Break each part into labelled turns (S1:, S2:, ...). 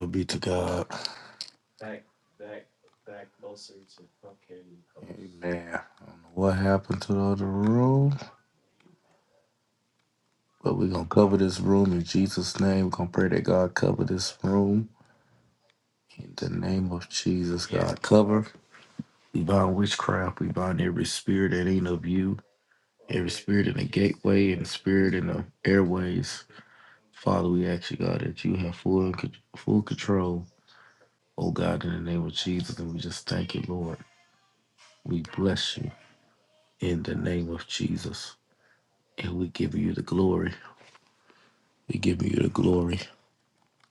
S1: Glory be to God. Man, I don't know what happened to the other room, but we're going to cover this room in Jesus' name. We're going to pray that God cover this room in the name of Jesus. God cover. We bind witchcraft. We bind every spirit that ain't of you, every spirit in the gateway and the spirit in the airways. Father, we ask you, God, that you have full, full control, oh God, in the name of Jesus. And we just thank you, Lord. We bless you in the name of Jesus. And we give you the glory. We give you the glory.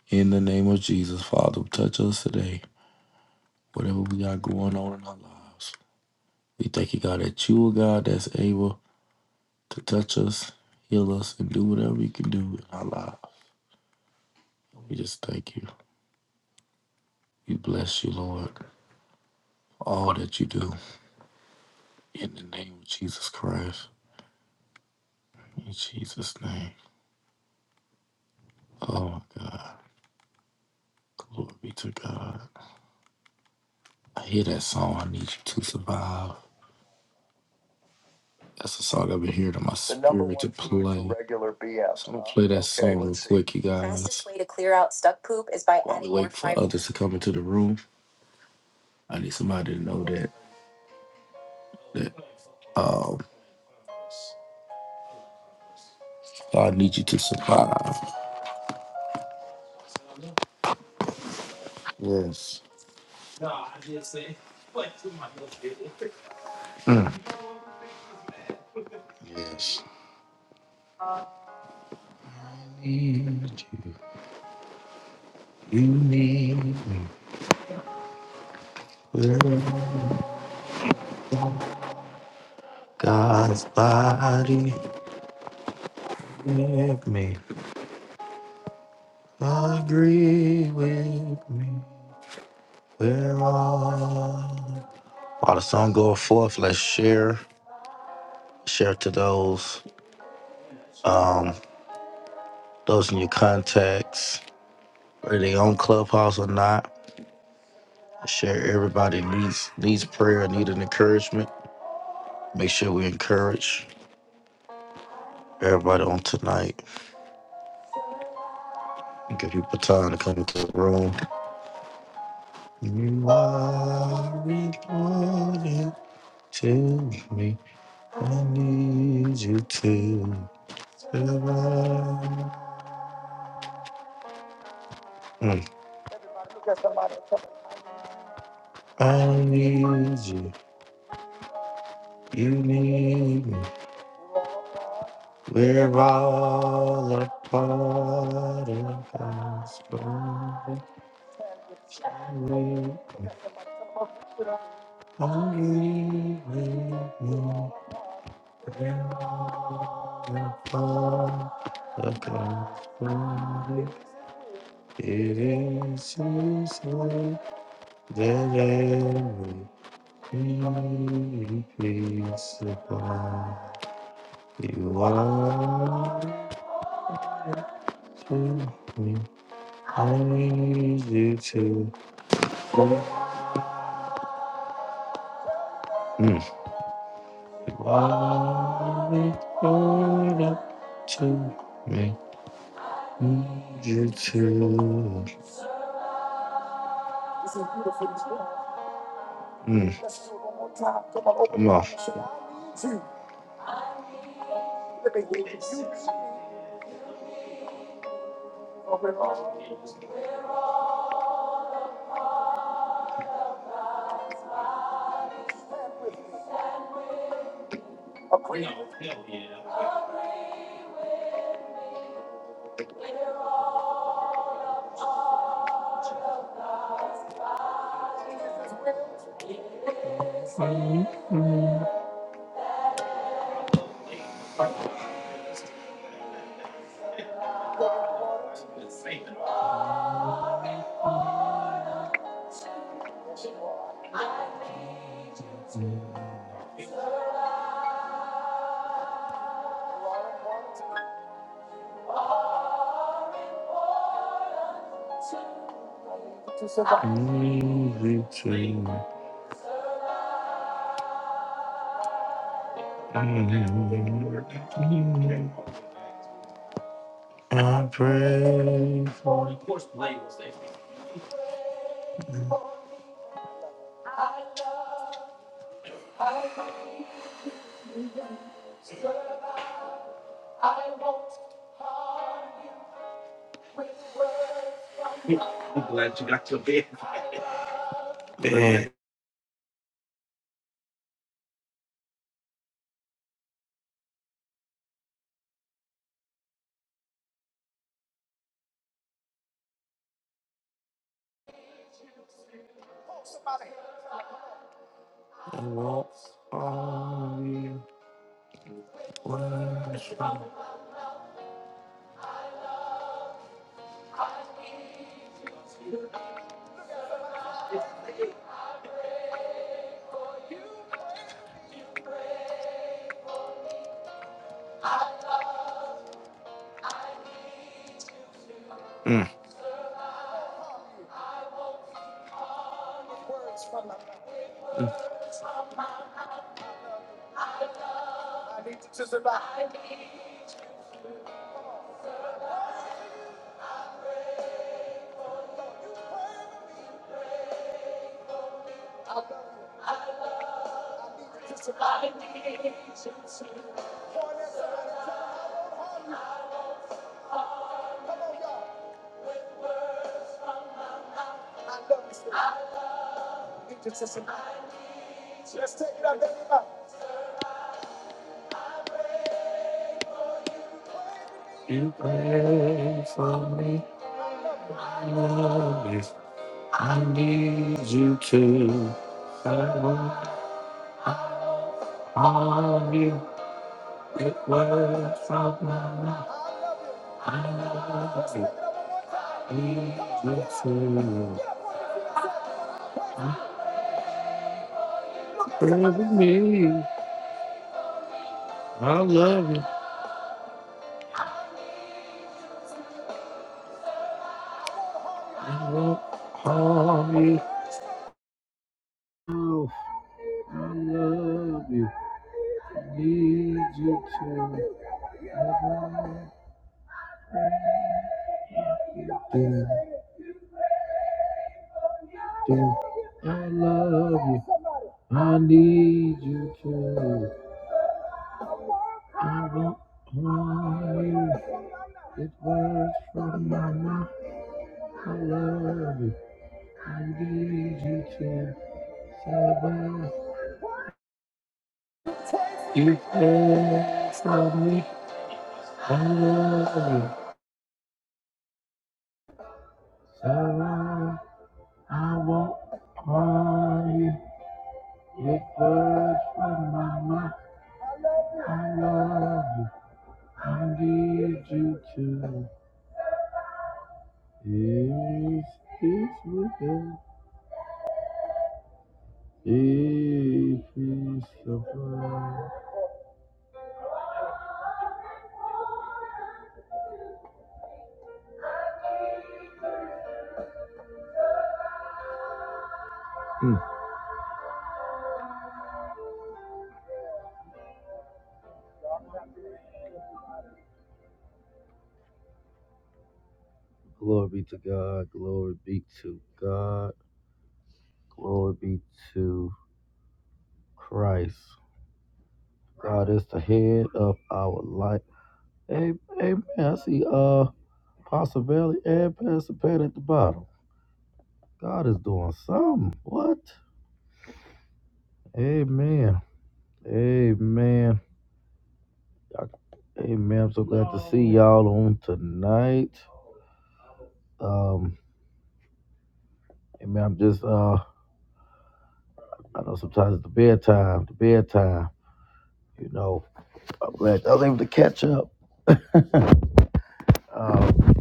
S1: In the name of Jesus, Father, touch us today. Whatever we got going on in our lives. We thank you, God, that you are God that's able to touch us, heal us, and do whatever you can do in our lives. We just thank you. We bless you, Lord, for all that you do. In the name of Jesus Christ. In Jesus' name. Oh, my God. Glory be to God. I hear that song, I Need You to Survive. That's a song I've been hearing in my The number spirit to one food for play. regular BF. So I'm gonna play that Okay, song real let's see. quick, see. you guys. The Fastest way to clear out stuck poop is by While we adding wait more for fiber. others to come into the room. I need somebody to know that that um I need you to survive. Yes. Mm. Yes. I need you. You need me. We're God's body with me. Agree with me. We're all While the song going forth, let's share. Share to those, um, those in your contacts, whether they own clubhouse or not. Share everybody needs needs prayer, need an encouragement. Make sure we encourage everybody on tonight. Give people time to come into the room. You are important to me. I need you to survive. Mm. I need you. You need me. We're all a part of God's glory. Only with you. We're all a part of God's glory. It is His love that every peace above. You are to me. I need you to. Mm. While it's all up to me. Need You too. Mm. Come on. Need you too. Mm. I pray for it. What are you worship? You pray for me. I Love you. I need you too. All you it words from my mouth. I love you. Jesus, you love me. I love you. I won't harm you. Oh, I love you. Need you too. I love you. Do, do. I love you. I need you too. I won't harm you. It was from my mouth. I love you. I need you to survive. You care for me. I love you. Survive. I won't cry. you. It hurts from my mind. I love you. I need you to. Is peace with us. If we survive. Hmm. Glory be to God. Glory be to God. Glory be to Christ. God is the head of our life. Hey, amen. I see uh Pastor Valley and Pastor Pat at the bottom. God is doing something. What? Amen. Amen. Amen. I'm so glad to see y'all on tonight. Um, amen. I'm just uh I know sometimes it's the bedtime, the bedtime, you know. I'm glad I was able to catch up. Um,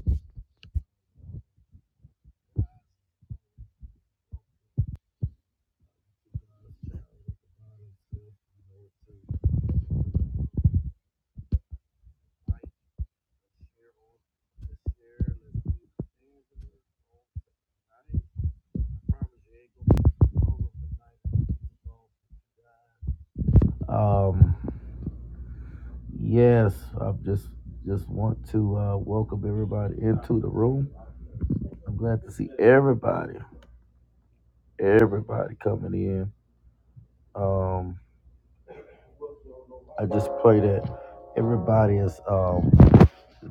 S1: um Yes, I just just want to uh, welcome everybody into the room. I'm glad to see everybody, everybody coming in. Um, I just pray that everybody is um,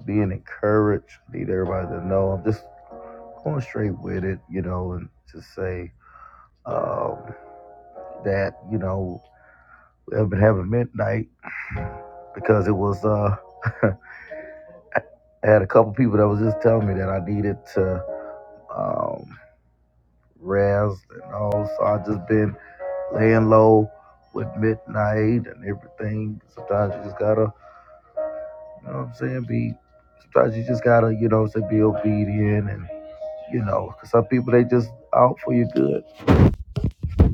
S1: being encouraged. Need everybody to know I'm just going straight with it, you know, and to say um, that you know we have been having midnight because it was uh, I had a couple people that was just telling me that I needed to. Um, rest and all. So I just been laying low with midnight and everything. Sometimes you just gotta, you know what I'm saying, be sometimes you just gotta, you know, say be obedient and you know, 'cause some people they just out for your good.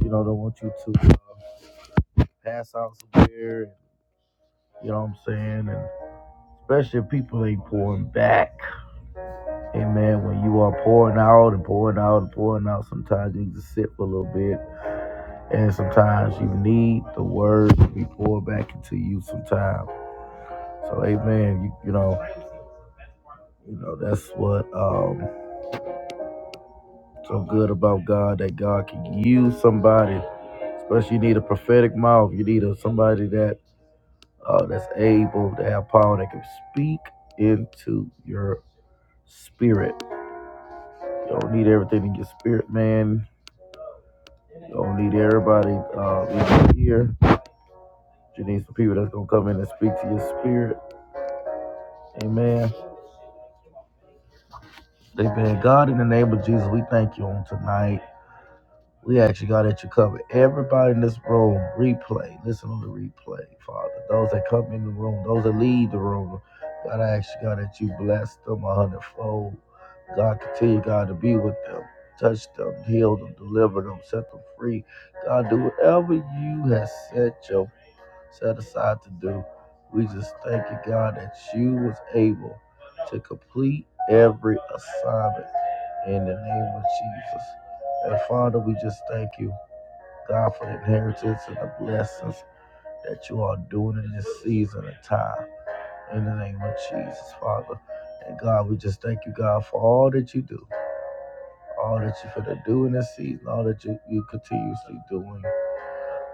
S1: You know, they want you to pass out somewhere and you know what I'm saying? And especially if people ain't pouring back. Amen. When you are pouring out and pouring out and pouring out, sometimes you just sit for a little bit And sometimes you need the word to be poured back into you sometimes. So amen. You, you know, you know, that's what um so good about God that God can use somebody. Especially you need a prophetic mouth. You need a somebody that uh that's able to have power that can speak into your spirit. You don't need everything in your spirit, man. You don't need everybody uh in your ear. You need some people that's gonna come in and speak to your spirit. Amen. They've been God, in the name of Jesus, we thank you on tonight. We ask you, God, that you cover everybody in this room. Replay. Listen on the replay, Father. Those that come in the room, those that leave the room. God, I ask you, God, that you bless them a hundredfold. God, continue, God, to be with them. Touch them, heal them, deliver them, set them free. God, do whatever you have set your set aside to do. We just thank you, God, that you was able to complete every assignment in the name of Jesus. And Father, we just thank you, God, for the inheritance and the blessings that you are doing in this season and time. In the name of Jesus, Father. And God, we just thank you, God, for all that you do, all that you're going to do in this season, all that you, you continuously doing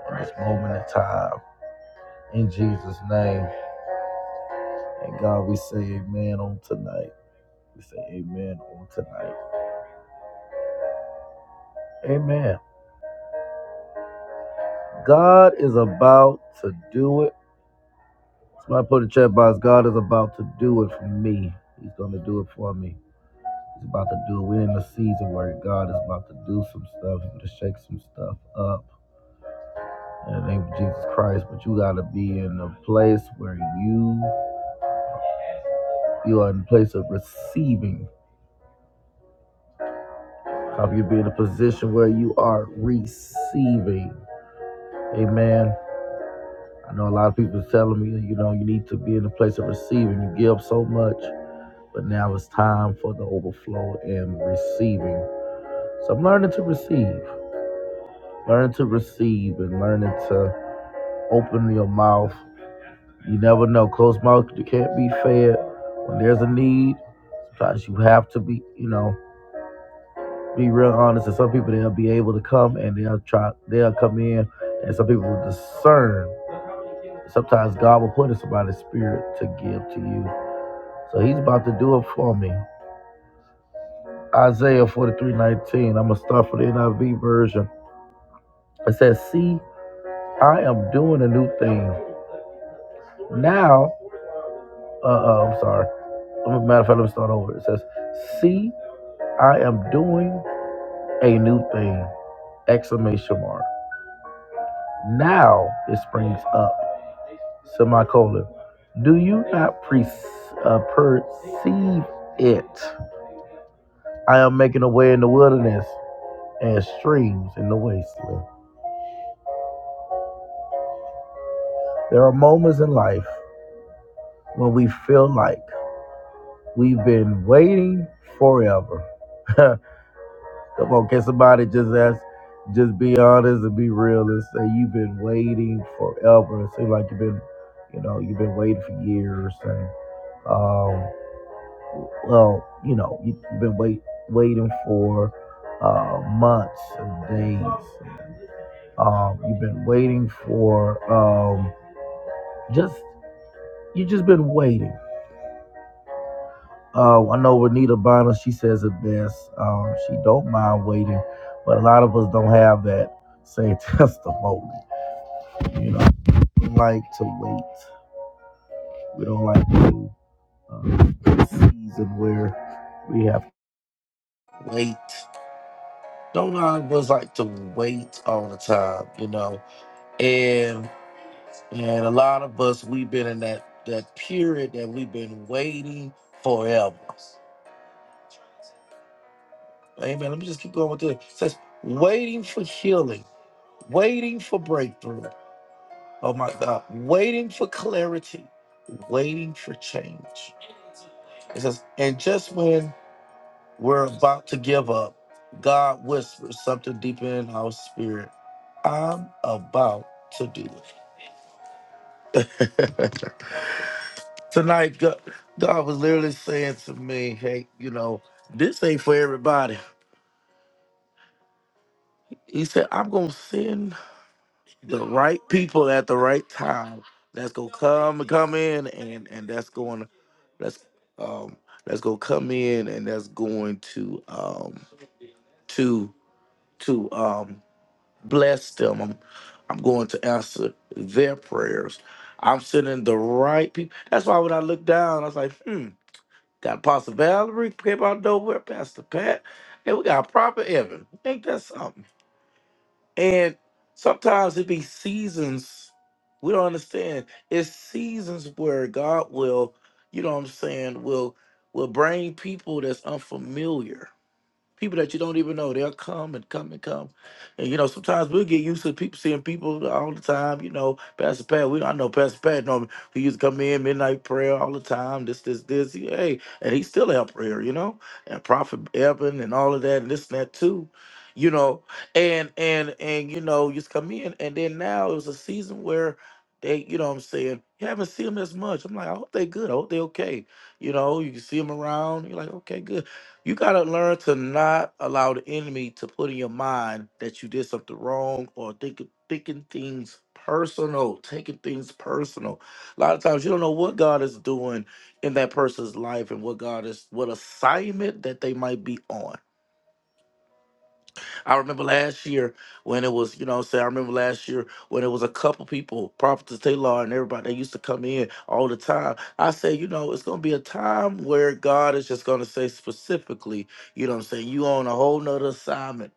S1: in this moment in time. In Jesus' name. And God, we say amen on tonight. We say amen on tonight. Amen. God is about to do it. Somebody put a chat box. God is about to do it for me. He's going to do it for me. He's about to do it. We're in a season where God is about to do some stuff. He's going to shake some stuff up in the name of Jesus Christ. But you got to be in a place where you you are in a place of receiving. How you be in a position where you are receiving. Amen. I know a lot of people are telling me, you know, you need to be in a place of receiving. You give so much, but now it's time for the overflow and receiving. So I'm learning to receive, learning to receive, and learning to open your mouth. You never know. Closed mouth, you can't be fed. When there's a need, sometimes you have to be, you know, be real honest. And some people they'll be able to come and they'll try, they'll come in, and some people will discern. Sometimes God will put in somebody's spirit to give to you So he's about to do it for me. Isaiah 43:19. I'm going to start for the NIV version. It says, See, I am doing a new thing. Now, uh, uh I'm sorry. Matter of fact, let me start over. It says, See, I am doing a new thing. Exclamation mark. Now it springs up. Semicolon. Do you not pre- uh, perceive it? I am making a way in the wilderness and streams in the wasteland. There are moments in life when we feel like we've been waiting forever. Come on, can somebody just ask, just be honest and be real and say you've been waiting forever. It seems like you've been, you know, you've been waiting for years, and um, well, you know, you- have been wait waiting for uh, months and days. Um, you've been waiting for um, just you have just been waiting. Uh, I know Renita Bonner, she says it best. Um, she don't mind waiting, but a lot of us don't have that same testimony. You know, we like to wait. We don't like to um, this season where we have to wait. Don't a lot of us like to wait all the time, you know? And and a lot of us we've been in that that period that we've been waiting forever. Amen. Let me just keep going with this. It says, waiting for healing, waiting for breakthrough. Oh my God. Waiting for clarity, waiting for change. It says, and just when we're about to give up, God whispers something deep in our spirit. I'm about to do it. Tonight, God, God was literally saying to me, hey, you know, this ain't for everybody. He said, I'm going to send the right people at the right time that's gonna come come in and and that's going to that's um that's gonna come in and that's going to um to to um bless them i'm i'm going to answer their prayers i'm sending the right people that's why when i look down i was like hmm got Pastor valerie came out nowhere pastor pat and we got proper evan ain't that something and sometimes it be seasons. We don't understand. It's seasons where God will, you know what I'm saying, will will bring people that's unfamiliar people that you don't even know. They'll come and come and come. And you know, sometimes we'll get used to people seeing people all the time. You know, Pastor Pat, we I know Pastor Pat know he used to come in midnight prayer all the time, this, this, this. He- Hey, and he's still out prayer, you know, and Prophet Evan and all of that and this and that too. You know, and and and you know, just come in and then now it was a season where they, you know what I'm saying, you haven't seen them as much. I'm like, I hope they good. I hope they okay. You know, you can see them around. You're like, okay, good you gotta learn to not allow the enemy to put in your mind that you did something wrong or think, thinking things personal, taking things personal. A lot of times you don't know what God is doing in that person's life and what God is, what assignment that they might be on. I remember last year when it was, you know what I'm saying? I remember last year when it was a couple people, Prophetess Taylor and everybody, they used to come in all the time. I say, you know, it's going to be a time where God is just going to say specifically, you know what I'm saying? You on a whole nother assignment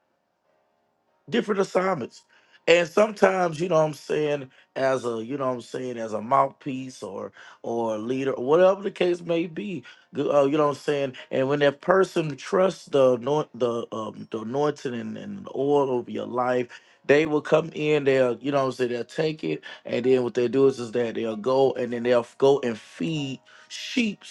S1: different assignments. And sometimes, you know what I'm saying, as a, you know what I'm saying, as a mouthpiece or or a leader, or whatever the case may be, g- uh, you know what I'm saying. And when that person trusts the anoint, the um, the anointing and, and the oil over your life, they will come in. They'll, you know what I'm saying, they'll take it, and then what they do is is that they'll go and then they'll go and feed sheep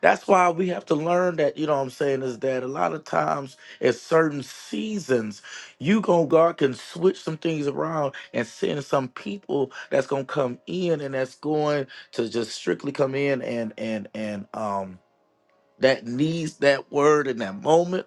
S1: that's why we have to learn that, you know what I'm saying, is that a lot of times at certain seasons, you going God can switch some things around and send some people that's gonna come in and that's going to just strictly come in and and and um that needs that word in that moment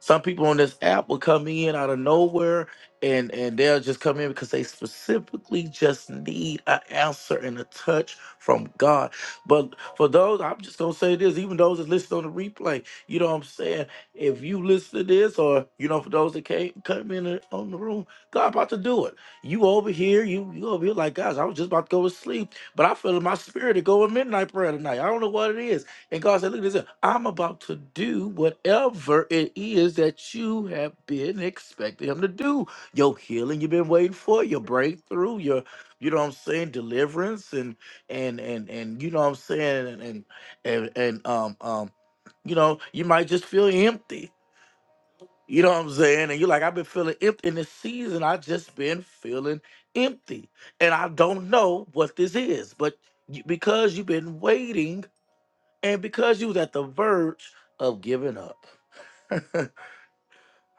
S1: some people on this app will come in out of nowhere and, and they'll just come in because they specifically just need an answer and a touch from God. But for those, I'm just gonna say this, even those that listen on the replay, you know what I'm saying? If you listen to this, or you know, for those that can't come in the- on the room, God about to do it. You over here, you you over here like guys, I was just about to go to sleep, but I feel in my spirit to go in midnight prayer tonight. I don't know what it is. And God said, Look at this. I'm about to do whatever it is that you have been expecting him to do. Your healing you've been waiting for, your breakthrough, your you know what I'm saying, deliverance and and and and you know what I'm saying and and and, and um um you know, you might just feel empty. You know what I'm saying? And you're like, I've been feeling empty in this season. I just been feeling empty. And I don't know what this is, but you- because you've been waiting and because you was at the verge of giving up.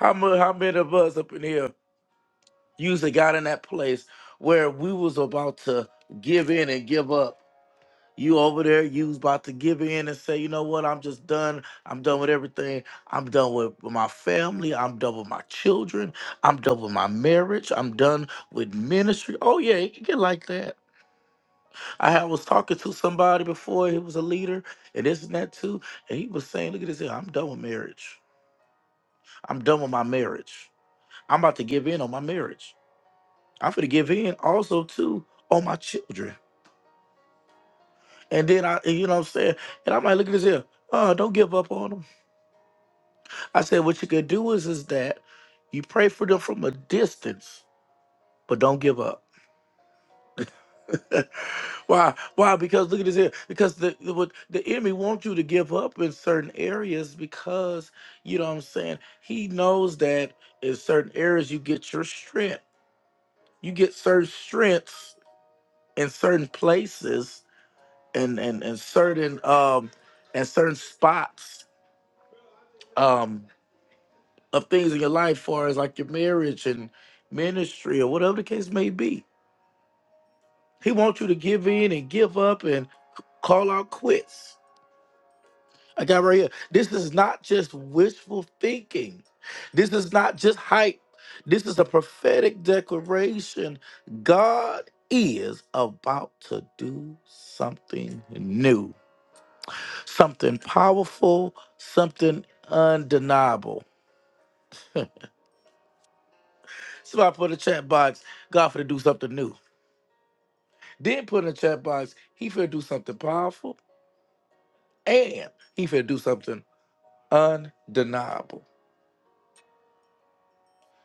S1: how much how many of us up in here usually got in that place where we was about to give in and give up. You over there, you was about to give in and say, you know what, I'm just done. I'm done with everything. I'm done with my family. I'm done with my children. I'm done with my marriage. I'm done with ministry. Oh yeah, it can get like that. I had- was talking to somebody before, he was a leader, and this and that too. And he was saying, look at this here, I'm done with marriage. I'm done with my marriage. I'm about to give in on my marriage. I'm going to give in also too on my children. And then I, and you know what I'm saying? And I might look at this here, oh, don't give up on them. I said, what you could do is, is that you pray for them from a distance, but don't give up. Why? Why? Because look at this here. Because the, the what the enemy wants you to give up in certain areas because you know what I'm saying. He knows that in certain areas you get your strength. You get certain strengths in certain places and and, and certain um and certain spots um of things in your life far as like your marriage and ministry or whatever the case may be. He wants you to give in and give up and c- call out quits. I got right here. This is not just wishful thinking. This is not just hype. This is a prophetic declaration. God is about to do something new. something powerful, something undeniable. Somebody put in the chat box, God for to do something new. Then put in the chat box, he finna do something powerful and he finna do something undeniable.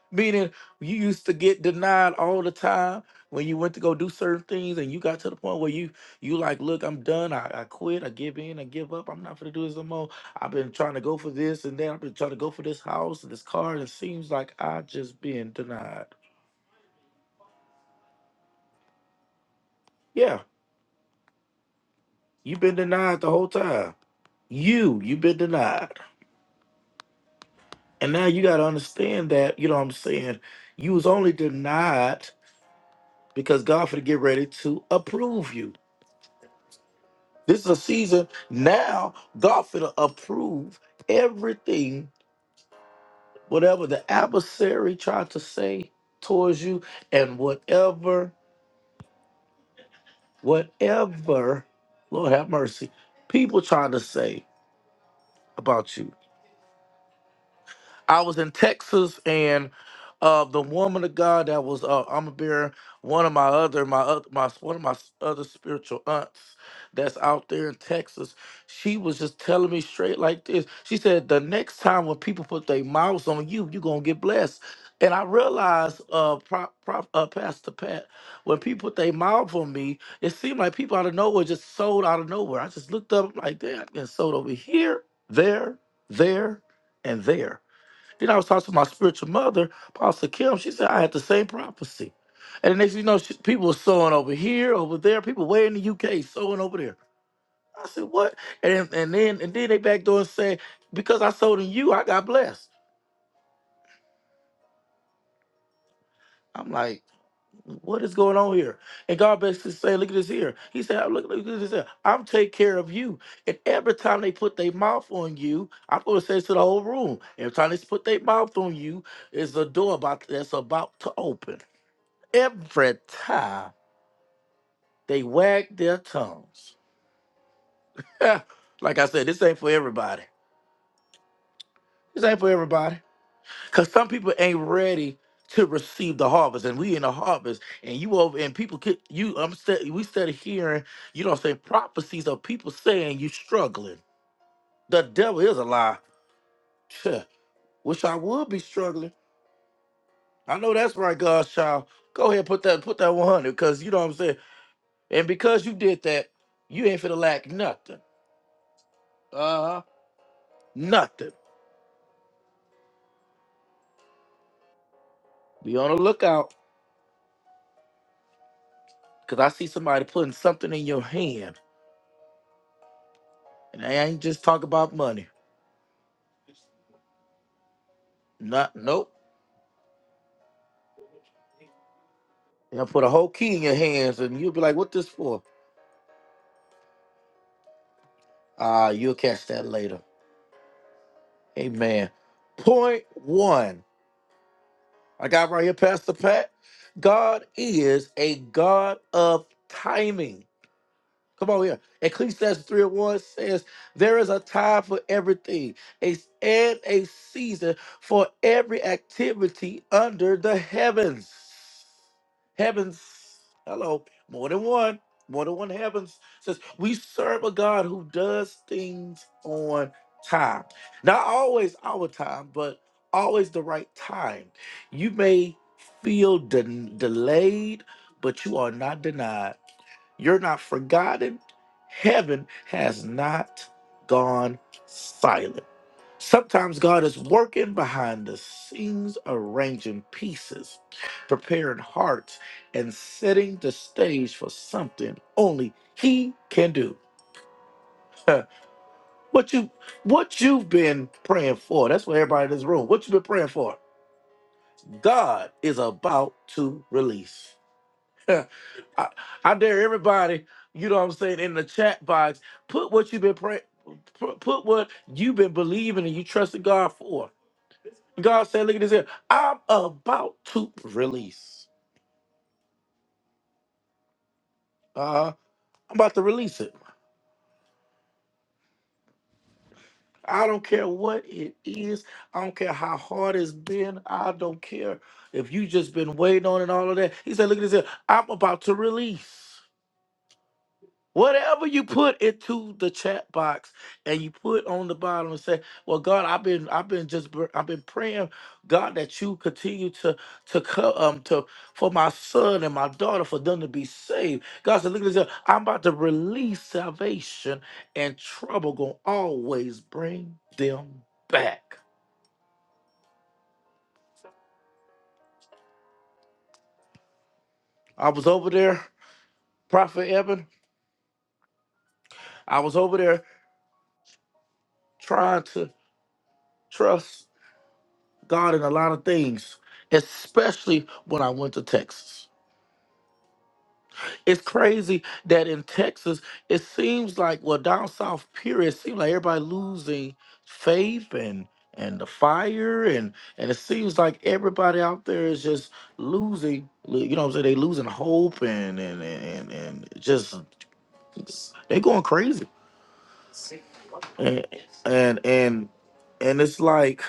S1: Meaning you used to get denied all the time when you went to go do certain things and you got to the point where you you like, look, I'm done. I, I quit, I give in, I give up. I'm not gonna do this no more. I've been trying to go for this and then I've been trying to go for this house and this car, and it seems like I just being denied. Yeah, you've been denied the whole time. You, you've been denied. And now you got to understand that, you know what I'm saying? You was only denied because God finna get ready to approve you. This is a season now, God finna approve everything, whatever the adversary tried to say towards you, and whatever, whatever, Lord have mercy, people trying to say about you. I was in Texas and uh, the woman of God that was uh, I'm bearing one of my other my other my one of my s- other spiritual aunts that's out there in Texas. She was just telling me straight like this. She said the next time when people put their mouths on you, you're gonna get blessed. And I realized, uh, prop, prop, uh, Pastor Pat, when people put their mouth on me, it seemed like people out of nowhere just sold out of nowhere. I just looked up like that and sold over here, there, there, and there. Then I was talking to my spiritual mother, Pastor Kim. She said I had the same prophecy. And the next thing you know, she, people were sewing over here, over there. People way in the UK sewing over there. I said, what? And and then and then they back door and said, because I sold in you, I got blessed. I'm like, what is going on here? And God basically saying, look at this here. He said, "I- look, look at this here. I'm take care of you. And every time they put their mouth on you, I'm going to say this to the whole room. Every time they put their mouth on you, is a door about that's about to open. every time they wag their tongues. Yeah, like I said, this ain't for everybody. This ain't for everybody. Cause some people ain't ready to receive the harvest, and we in the harvest, and you over, and people, ki- you, I'm st- we started hearing, you know, say prophecies of people saying you struggling. The devil is a lie. Tch, Wish I would be struggling. I know that's right, God's child. Go ahead, put that, put that 100, cause you know what I'm saying. And because you did that, you ain't finna lack nothing. Uh-huh. Nothing. Be on the lookout because I see somebody putting something in your hand, and I ain't just talk about money. Not nope. They'll put a whole key in your hands, and you'll be like, "What this for?" Ah, you'll catch that later. Amen. Point one. I got right here, Pastor Pat. God is a God of timing. Come on here. Ecclesiastes 3 and 1 says, There is a time for everything a, and a season for every activity under the heavens. Heavens. Hello. More than one. More than one heavens. Says, We serve a God who does things on time. Not always our time, but always the right time. You may feel den- delayed, but you are not denied. You're not forgotten. Heaven has not gone silent. Sometimes God is working behind the scenes, arranging pieces, preparing hearts, and setting the stage for something only He can do. what you what you've been praying for? That's what everybody in this room. What you've been praying for? God is about to release. I, I dare everybody, you know what I'm saying, in the chat box, put what you've been praying, put, put what you've been believing and you trusted God for. God said, look at this here. I'm about to release. Uh, I'm about to release it. I don't care what it is. I don't care how hard it's been. I don't care if you just been waiting on it and all of that. He said, look at this here. I'm about to release. Whatever you put into the chat box and you put on the bottom and say, "Well, God, I've been, I've been just, br- I've been praying, God, that you continue to, to come, um, to for my son and my daughter for them to be saved." God said, "Look at this. I'm about to release salvation, and trouble gonna always bring them back." I was over there, Prophet Evan. I was over there trying to trust God in a lot of things, especially when I went to Texas. It's crazy that in Texas, it seems like, well, down south, period, it seems like everybody losing faith and and the fire and and it seems like everybody out there is just losing you know what i'm saying they losing hope and and and, and just they going crazy and and and it's like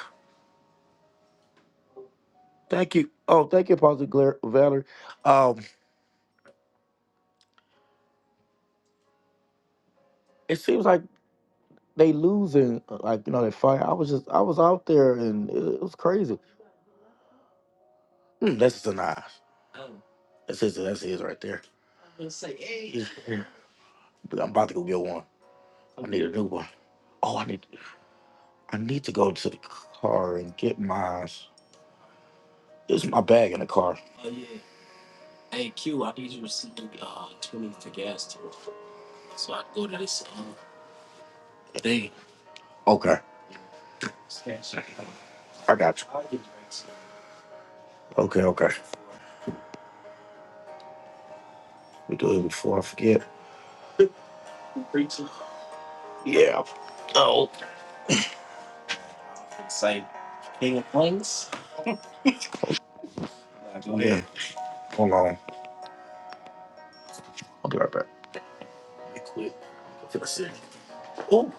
S1: thank you oh thank you Pastor Gla- valerie um it seems like they losing uh, like you know that fight. I was just I was out there and it, it was crazy. Mm, that's just a knife. That's his. That's his right there. Yeah. But I'm about to go get one. New one. Oh, I need I need to go to the car and get mine. It's my bag in the car. Okay, I got you. Okay, okay. We do it before I forget. Yeah. Oh, hold on. I'll be right back. Be quick. Oh,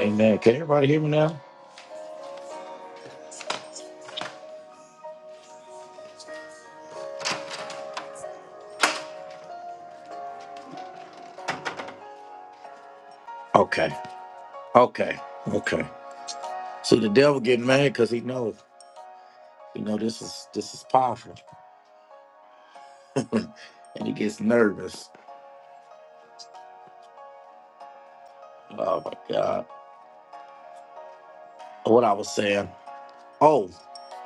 S1: amen. Can everybody hear me now? Okay. Okay. Okay. See, the devil getting mad because he knows. You know, this is this is powerful. and he gets nervous. Oh my God. What I was saying. Oh,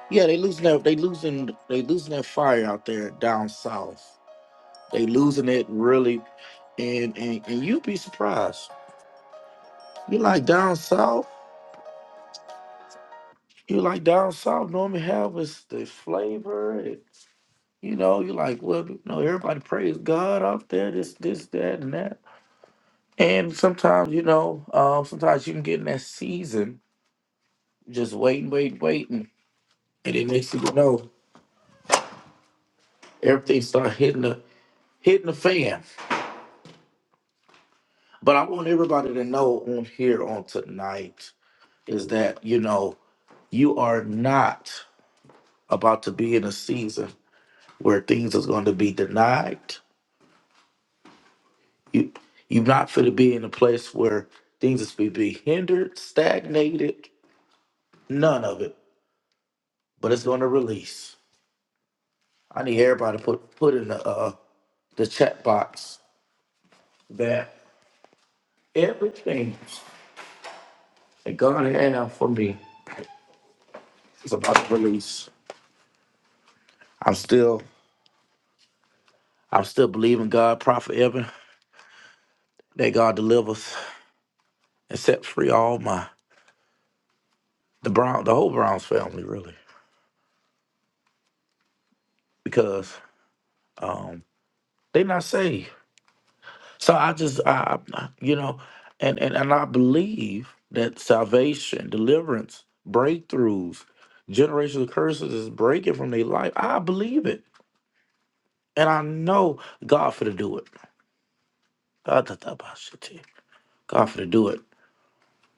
S1: yeah, they losing their they losing they losing their fire out there down south. They losing it really and and, and you'd be surprised. You like down south? You like down south normally have is the flavor and, you know, you like, well, you know, everybody praise God out there, this, this, that, and that. And sometimes, you know, um, sometimes you can get in that season just waiting, waiting, waiting. And then next thing you know, everything start hitting the hitting the fan. But I want everybody to know on here on tonight is that, you know, you are not about to be in a season where things is going to be denied. You you're not going to be in a place where things is going to be hindered, stagnated, none of it. But it's going to release. I need everybody to put put in the uh, the chat box that everything that God had for me It's about to release. I'm still, I'm still believing God, Prophet Evan, that God delivers and sets free all my the Brown, the whole Browns family, really, because um they not saved. So I just, I, I you know, and, and and I believe that salvation, deliverance, breakthroughs, generational curses is breaking from their life. I believe it, and I know God for to do it. God for to do it.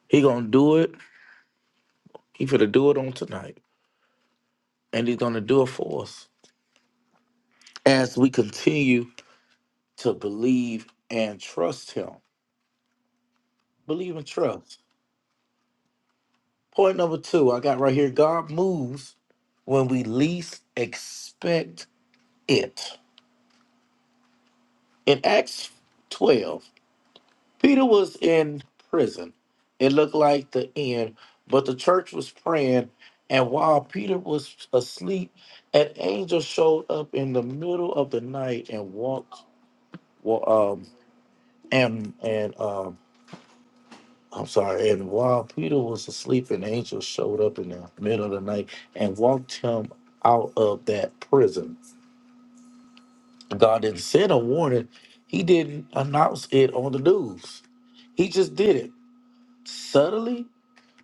S1: He gonna do it. He finna do it on tonight, and he's gonna do it for us as we continue to believe and trust Him. Believe and trust. Point number two, I got right here. God moves when we least expect it. In Acts twelve, Peter was in prison. It looked like the end, but the church was praying, and while Peter was asleep, an angel showed up in the middle of the night and walked Well, um, and and um, I'm sorry. And while Peter was asleep, an angel showed up in the middle of the night and walked him out of that prison. God didn't send a warning. He didn't announce it on the news. He just did it subtly,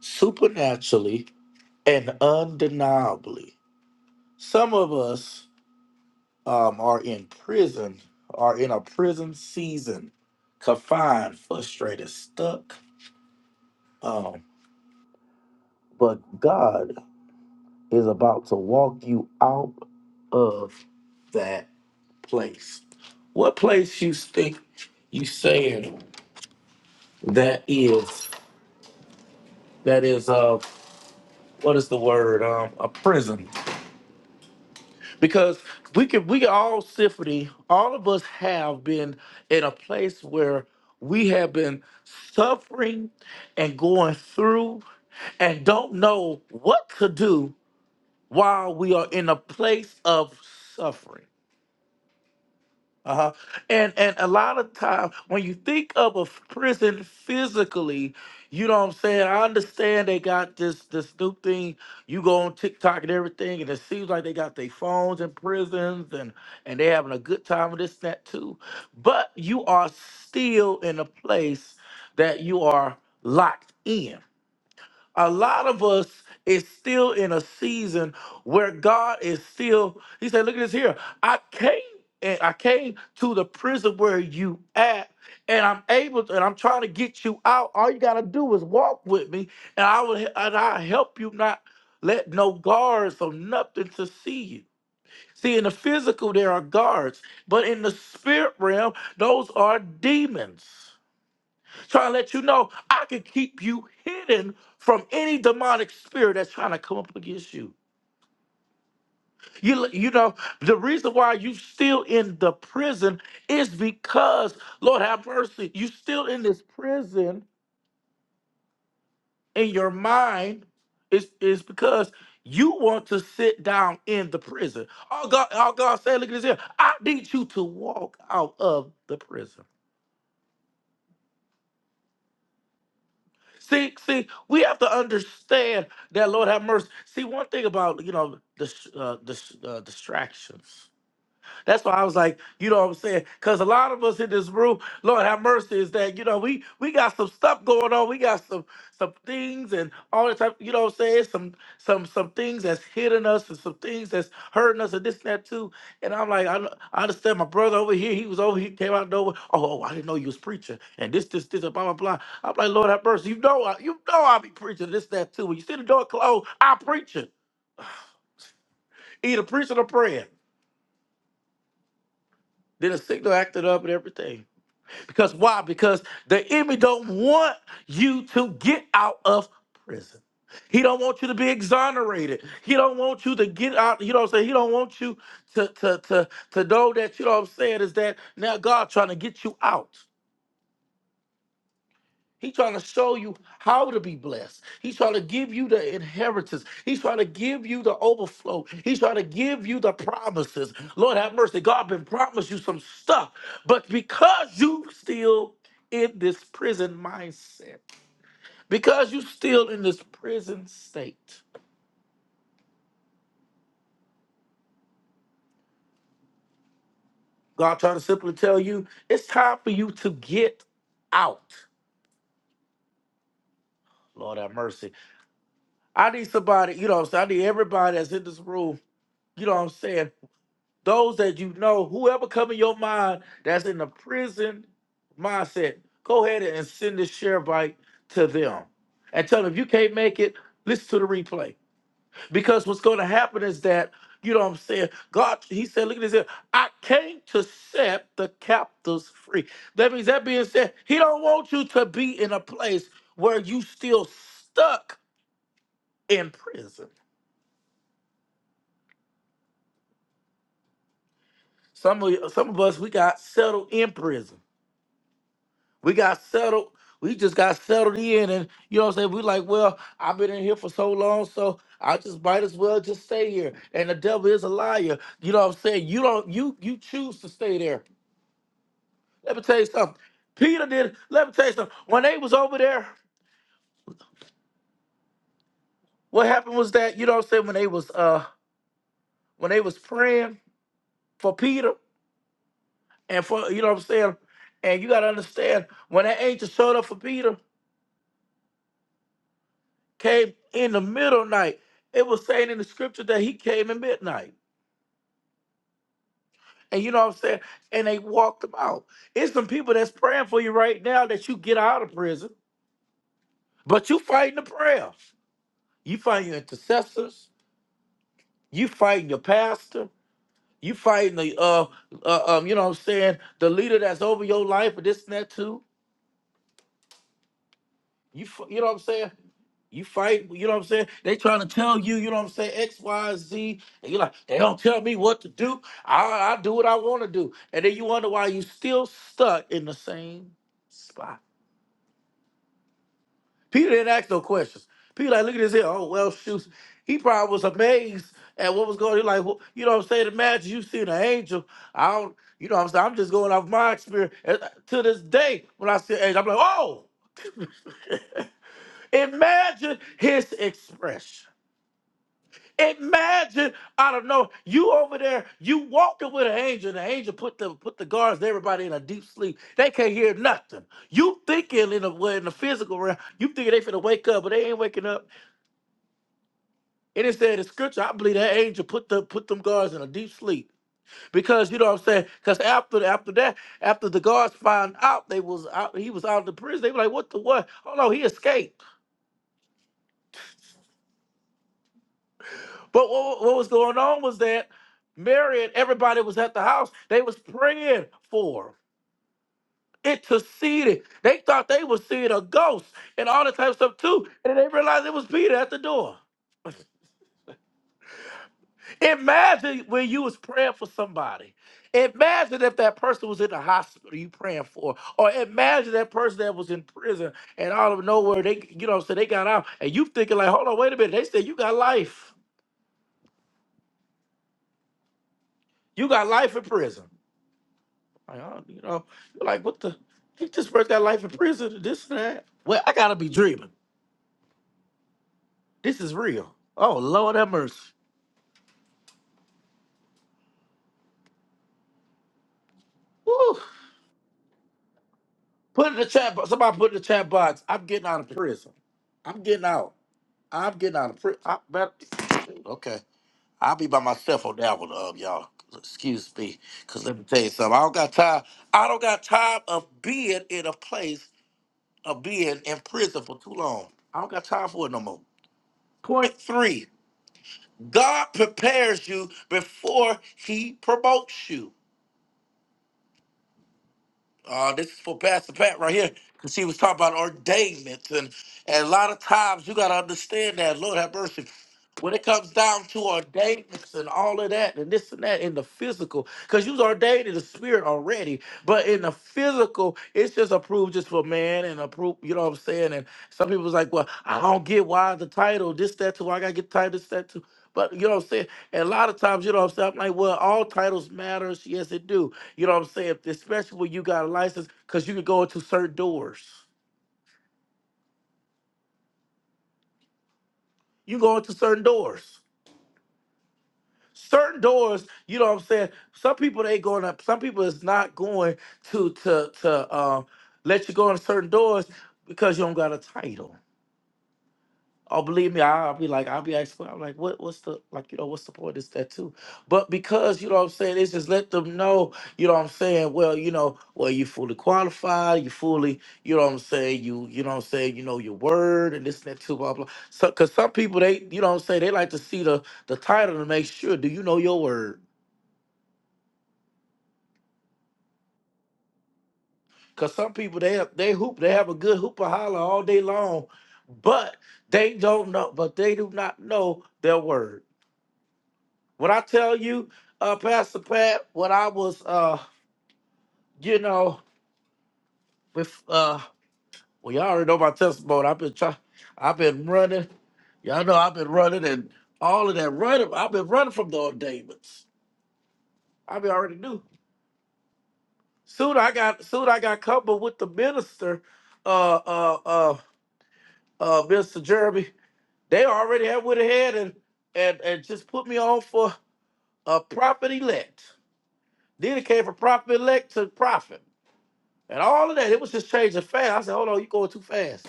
S1: supernaturally, and undeniably. Some of us um, are in prison, are in a prison season, confined, frustrated, stuck. um, But God is about to walk you out of that place. What place you think you saying that is that is uh what is the word um a prison? Because we can we can all symphony all of us have been in a place where we have been suffering and going through and don't know what to do while we are in a place of suffering Uh-huh. And and a lot of time when you think of a f- prison physically, you know what I'm saying? I understand they got this this new thing. You go on TikTok and everything, and it seems like they got their phones in prisons and and they're having a good time with this, and that too. But you are still in a place that you are locked in a lot of us is still in a season where God is still, he said, look at this here. I came and I came to the prison where you at, and I'm able to, and I'm trying to get you out. All you gotta do is walk with me, and I will and I help you not let no guards or nothing to see you. See, in the physical, there are guards, but in the spirit realm, those are demons trying to let you know I can keep you hidden from any demonic spirit that's trying to come up against you. You, you know, the reason why you still in the prison is because, Lord have mercy, you still in this prison in your mind is is because you want to sit down in the prison. All God, all God said, look at this here. I need you to walk out of the prison. See, see, we have to understand that Lord have mercy. See, one thing about you know the uh, dis, uh, distractions. That's why I was like, you know what I'm saying? Because a lot of us in this room, Lord have mercy, is that, you know, we we got some stuff going on. We got some some things and all that type, you know what I'm saying? Some some some things that's hitting us and some things that's hurting us and this and that too. And I'm like, I, kn- I understand my brother over here, he was over here, came out of nowhere. Oh, oh, I didn't know you was preaching. And this, this, this, and blah, blah, blah. I'm like, Lord have mercy. You know I, you know I be preaching this, that too. When you see the door closed, i preaching. Either preaching or praying. Then the signal acted up and everything. Because why? Because the enemy don't want you to get out of prison. He don't want you to be exonerated. He don't want you to get out. You know what I'm saying? He don't want you to to to to know that you know what I'm saying is that now God trying to get you out. He's trying to show you how to be blessed. He's trying to give you the inheritance. He's trying to give you the overflow. He's trying to give you the promises. Lord have mercy. God been promised you some stuff, but because you still in this prison mindset, because you still in this prison state, God trying to simply tell you it's time for you to get out. Lord have mercy. I need somebody, you know what I'm saying? I need everybody that's in this room, you know what I'm saying? those that you know, whoever come in your mind that's in the prison mindset, go ahead and send this share bite to them. And tell them if you can't make it, listen to the replay. Because what's gonna happen is that, you know what I'm saying? God, he said, look at this here. I came to set the captives free. That means that being said, he don't want you to be in a place where you still stuck in prison. Some of some of us we got settled in prison. We got settled. We just got settled in, and you know what I'm saying. We like, well, I've been in here for so long, so I just might as well just stay here. And the devil is a liar. You know what I'm saying. You don't. You you choose to stay there. Let me tell you something. Peter did. Let me tell you something. When they was over there, what happened was that you know what I'm saying. When they was uh when they was praying for Peter and for you know what I'm saying. And you gotta understand when that angel showed up for Peter, came in the middle night. It was saying in the scripture that he came at midnight. And you know what I'm saying? And they walked him out. It's some people that's praying for you right now that you get out of prison, but you fighting the prayer. You fighting your intercessors. You fighting your pastor. You fighting the uh, uh um, you know what I'm saying, the leader that's over your life or this and that too. You f- you know what I'm saying? You fight, you know what I'm saying? They trying to tell you, you know what I'm saying, X, Y, Z. And you're like, they don't tell me what to do. I, I do what I want to do. And then you wonder why you still stuck in the same spot. Peter didn't ask no questions. Peter like, look at this here. Oh, well, shoot. He probably was amazed at what was going on. He like, well, you know what I'm saying? Imagine you seeing an angel. I don't, you know what I'm saying? I'm just going off my experience. And, uh, to this day, when I see an angel, I'm like, oh! Imagine his expression. Imagine, I don't know, you over there, you walking with an angel, and the angel put the put the guards, and everybody in a deep sleep. They can't hear nothing. You thinking in the well, in the physical realm, you thinking they finna wake up, but they ain't waking up. And it said in scripture, I believe that angel put the put them guards in a deep sleep. Because you know what I'm saying? Because after after that, after the guards found out they was out, he was out of the prison, they were like, what the what? Oh no, he escaped. But what, what was going on was that Mary and everybody was at the house. They was praying for him, interceding. They thought they was seeing a ghost and all that type of stuff too. And then they realized it was Peter at the door. Imagine when you was praying for somebody. Imagine if that person was in the hospital you praying for, or imagine that person that was in prison and out of nowhere they, you know, so they got out and you thinking like, hold on, wait a minute. They said you got life. You got life in prison. Like, I don't- you know, you're like, what the? He just burnt that life in prison and this and that. Well, I gotta be dreaming. This is real. Oh Lord have mercy. Woo. Put in the chat. bo- Somebody put in the chat box. I'm getting out of prison. I'm getting out. I'm getting out of prison. I better. Okay. I'll be by myself on that one, um, y'all. Excuse me, cause let me tell you something. I don't got time. I don't got time of being in a place of being in prison for too long. I don't got time for it no more. Point three. God prepares you before he promotes you. Uh, this is for Pastor Pat right here, because he was talking about ordainment. And, and a lot of times you got to understand that, Lord have mercy. When it comes down to ordainments and all of that and this and that in the physical, because you was ordained in the spirit already, but in the physical, it's just approved just for man and approved, you know what I'm saying? And some people's like, well, I don't get why the title, this, that, too, why I got to get the title, this, that, too. But you know what I'm saying? And a lot of times, you know what I'm saying? I'm like, well, all titles matters. Yes, it do you know what I'm saying? Especially when you got a license, because you can go into certain doors. You go into certain doors. Certain doors, you know what I'm saying? Some people they going up, some people is not going to to to um let you go in certain doors because you don't got a title. Oh, believe me, I, I'll be like, I'll be asking, I'm like, what, what's the, like, you know, what's the point? of that too? But because, you know what I'm saying, it's just let them know, you know what I'm saying, well, you know, well, you fully qualified, you fully, you know what I'm saying, you, you know what I'm saying, you know your word and this and that too, blah, blah. So, cause some people, they, you know what I'm saying, they like to see the, the title to make sure, do you know your word? Cause some people, they, they hoop, they have a good hoop hoopah holler all day long, but they don't know, but they do not know their word. When I tell you, uh, Pastor Pat, when I was, uh, you know, with, uh, well, y'all already know my testimony. I've been trying, I've been running. Y'all know I've been running and all of that running. I've been running from the ordainments. I mean, I already knew. Soon I got, soon I got coupled with the minister, uh, uh, uh, uh, Mr. Jeremy. They already had went ahead and, and, and just put me on for a prophet elect. Then it came from prophet elect to prophet. and all of that. It was just changing fast. I said, hold on, you going too fast.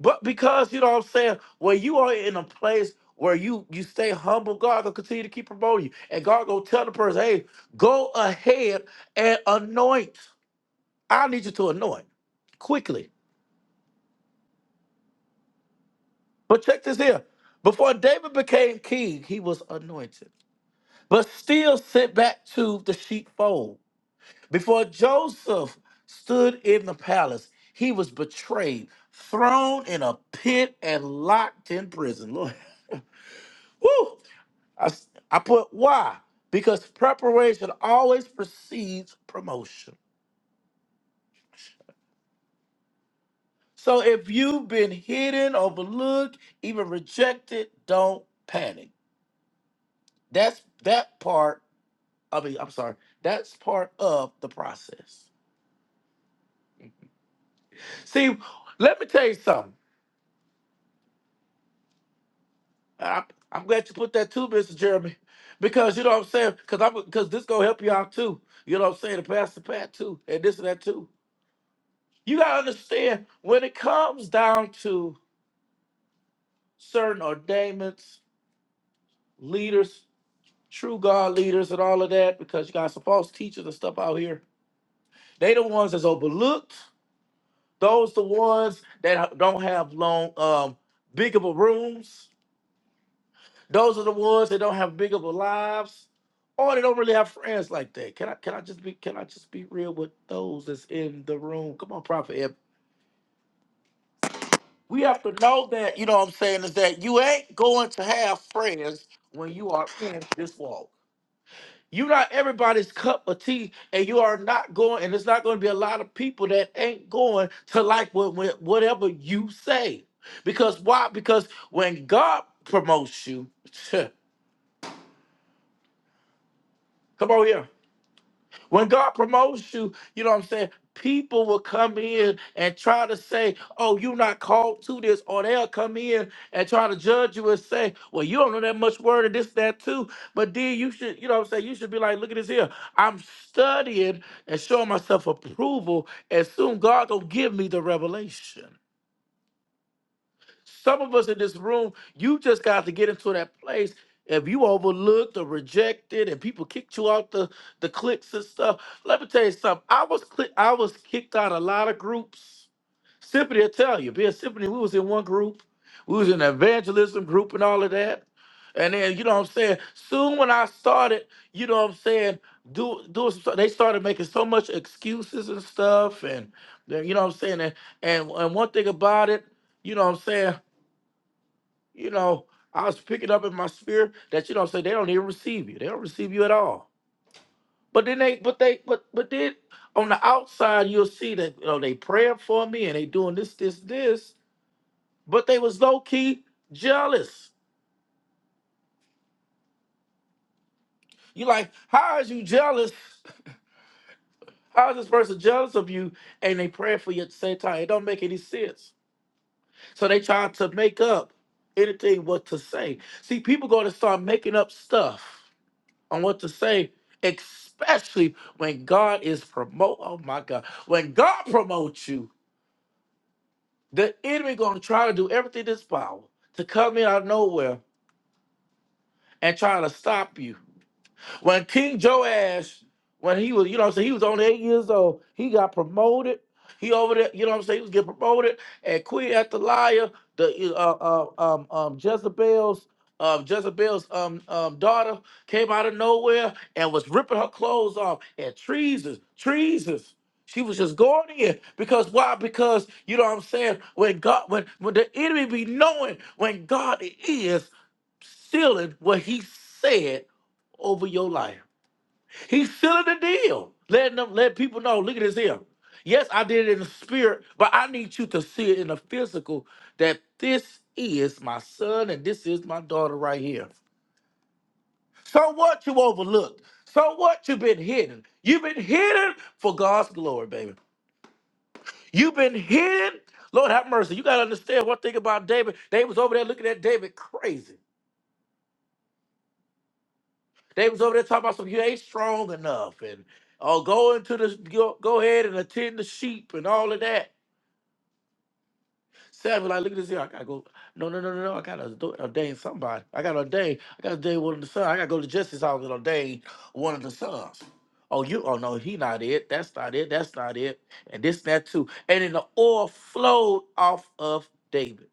S1: But because you know what I'm saying, when you are in a place where you you stay humble, God gonna continue to keep promoting you. And God gonna tell the person, hey, go ahead and anoint. I need you to anoint quickly. But check this here. Before David became king, he was anointed, but still sent back to the sheepfold. Before Joseph stood in the palace, he was betrayed, thrown in a pit, and locked in prison. Lord, woo! I, s- I put why? Because preparation always precedes promotion. So if you've been hidden, overlooked, even rejected, don't panic. That's that part. I mean, I'm sorry. That's part of the process. See, let me tell you something. I'm, I'm glad you put that too, Mr. Jeremy, because you know what I'm saying. Because I'm because this gonna help you out too. You know what I'm saying. The pastor Pat too, and this and that too. You gotta understand when it comes down to certain ordainments, leaders, true God leaders, and all of that, because you got some false teachers and stuff out here. They the ones that's overlooked. Those the ones that ha- don't have long, um, big of a rooms Those are the ones that don't have big of a lives, or they don't really have friends like that. Can I can I just be can I just be real with those that's in the room? Come on, Prophet Ebb. We have to know that, you know what I'm saying, is that you ain't going to have friends when you are in this walk. You're not everybody's cup of tea, and you are not going, and it's not going to be a lot of people that ain't going to like what, what- whatever you say. Because why? Because when God promotes you, come on here. When God promotes you, you know what I'm saying? People will come in and try to say, oh, you're not called to this. Or they'll come in and try to judge you and say, well, you don't know that much word and this, that, too. But then you should, you know what I'm saying? You should be like, look at this here. I'm studying and showing myself approval. And soon God going to give me the revelation. Some of us in this room, you just got to get into that place. If you overlooked or rejected, and people kicked you out the the cliques and stuff, let me tell you something. I was cli- I was kicked out a lot of groups. Symphony will tell you, being Symphony, we was in one group, we was in an evangelism group and all of that. And then you know what I'm saying. Soon when I started, you know what I'm saying, do do some, stuff, they started making so much excuses and stuff, and then, you know what I'm saying. And, and and one thing about it, you know what I'm saying you know, I was picking up in my spirit that you know, say they don't even receive you. They don't receive you at all. But then they, but they, but but then on the outside you'll see that you know they praying for me and they doing this, this, this. But they was low key jealous. You like, how is you jealous? How is this person jealous of you? And they praying for you at the same time. It don't make any sense. So they trying to make up anything what to say. See, people going to start making up stuff on what to say, especially when God is promote. Oh my God, when God promotes you, the enemy gonna try to do everything in his power to come in out of nowhere and try to stop you. When King Joash, when he was, you know what I'm saying, he was only eight years old, he got promoted. He over there, you know what I'm saying, he was getting promoted. And Queen Athaliah, the uh, uh, um, um, Jezebel's, um, Jezebel's um, um, daughter came out of nowhere and was ripping her clothes off. And treasons, treasons. She was just going in because why? Because you know what I'm saying. When God, when when the enemy be knowing when God is sealing what He said over your life. He's sealing the deal, letting them let people know. Look at this here. Yes, I did it in the spirit, but I need you to see it in the physical that this is my son and this is my daughter right here. So what you overlooked? So what you been hidden? You've been hidden for God's glory, baby. You've been hidden. Lord have mercy. You gotta understand one thing about David. They was over there looking at David crazy. They was over there talking about some you ain't strong enough and oh go into the go, go ahead and attend the sheep and all of that. Samuel, like, look at this here. I gotta go. No, no, no, no, no. I gotta ado- ordain somebody. I gotta ordain. I gotta ordain one of the sons. I gotta go to justice house and ordain one of the sons. Oh, you oh no, he not it. That's not it. That's not it. And this, that too. And then the oil flowed off of David.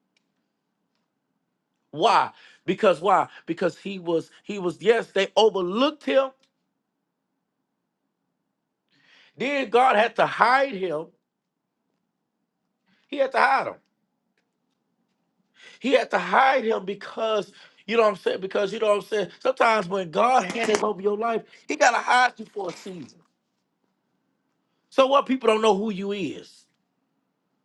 S1: Why? Because why? Because he was, he was, yes, they overlooked him. Then God had to hide him He had to hide him. He had to hide him because you know what I'm saying. Because you know what I'm saying. Sometimes when God hands over your life, He gotta hide you for a season. So what? People don't know who you is.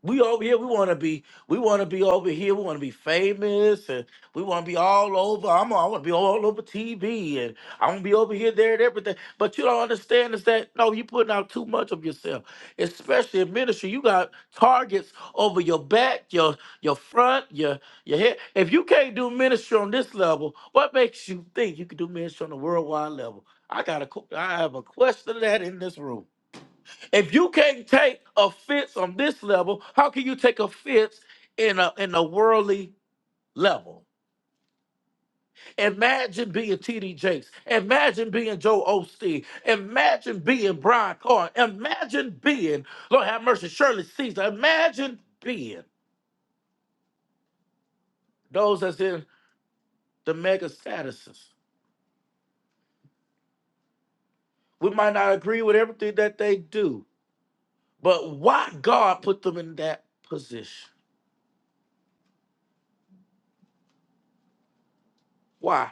S1: We over here, we want to be, we want to be over here, we want to be famous, and we want to be all over. I'm, I want to be all over TV, and I want to be over here, there, and everything. But you don't understand is that no, you're putting out too much of yourself, especially in ministry. You got targets over your back, your your front, your your head. If you can't do ministry on this level, what makes you think you can do ministry on the worldwide level? I got a, que- I have a question of that in this room. If you can't take offense on this level, how can you take offense in a in a worldly level? Imagine being TD Jakes. Imagine being Joe Osteen. Imagine being Brian Carr. Imagine being, Lord have mercy, Shirley Caesar. Imagine being those that's in the mega statuses. We might not agree with everything that they do, but why God put them in that position? Why?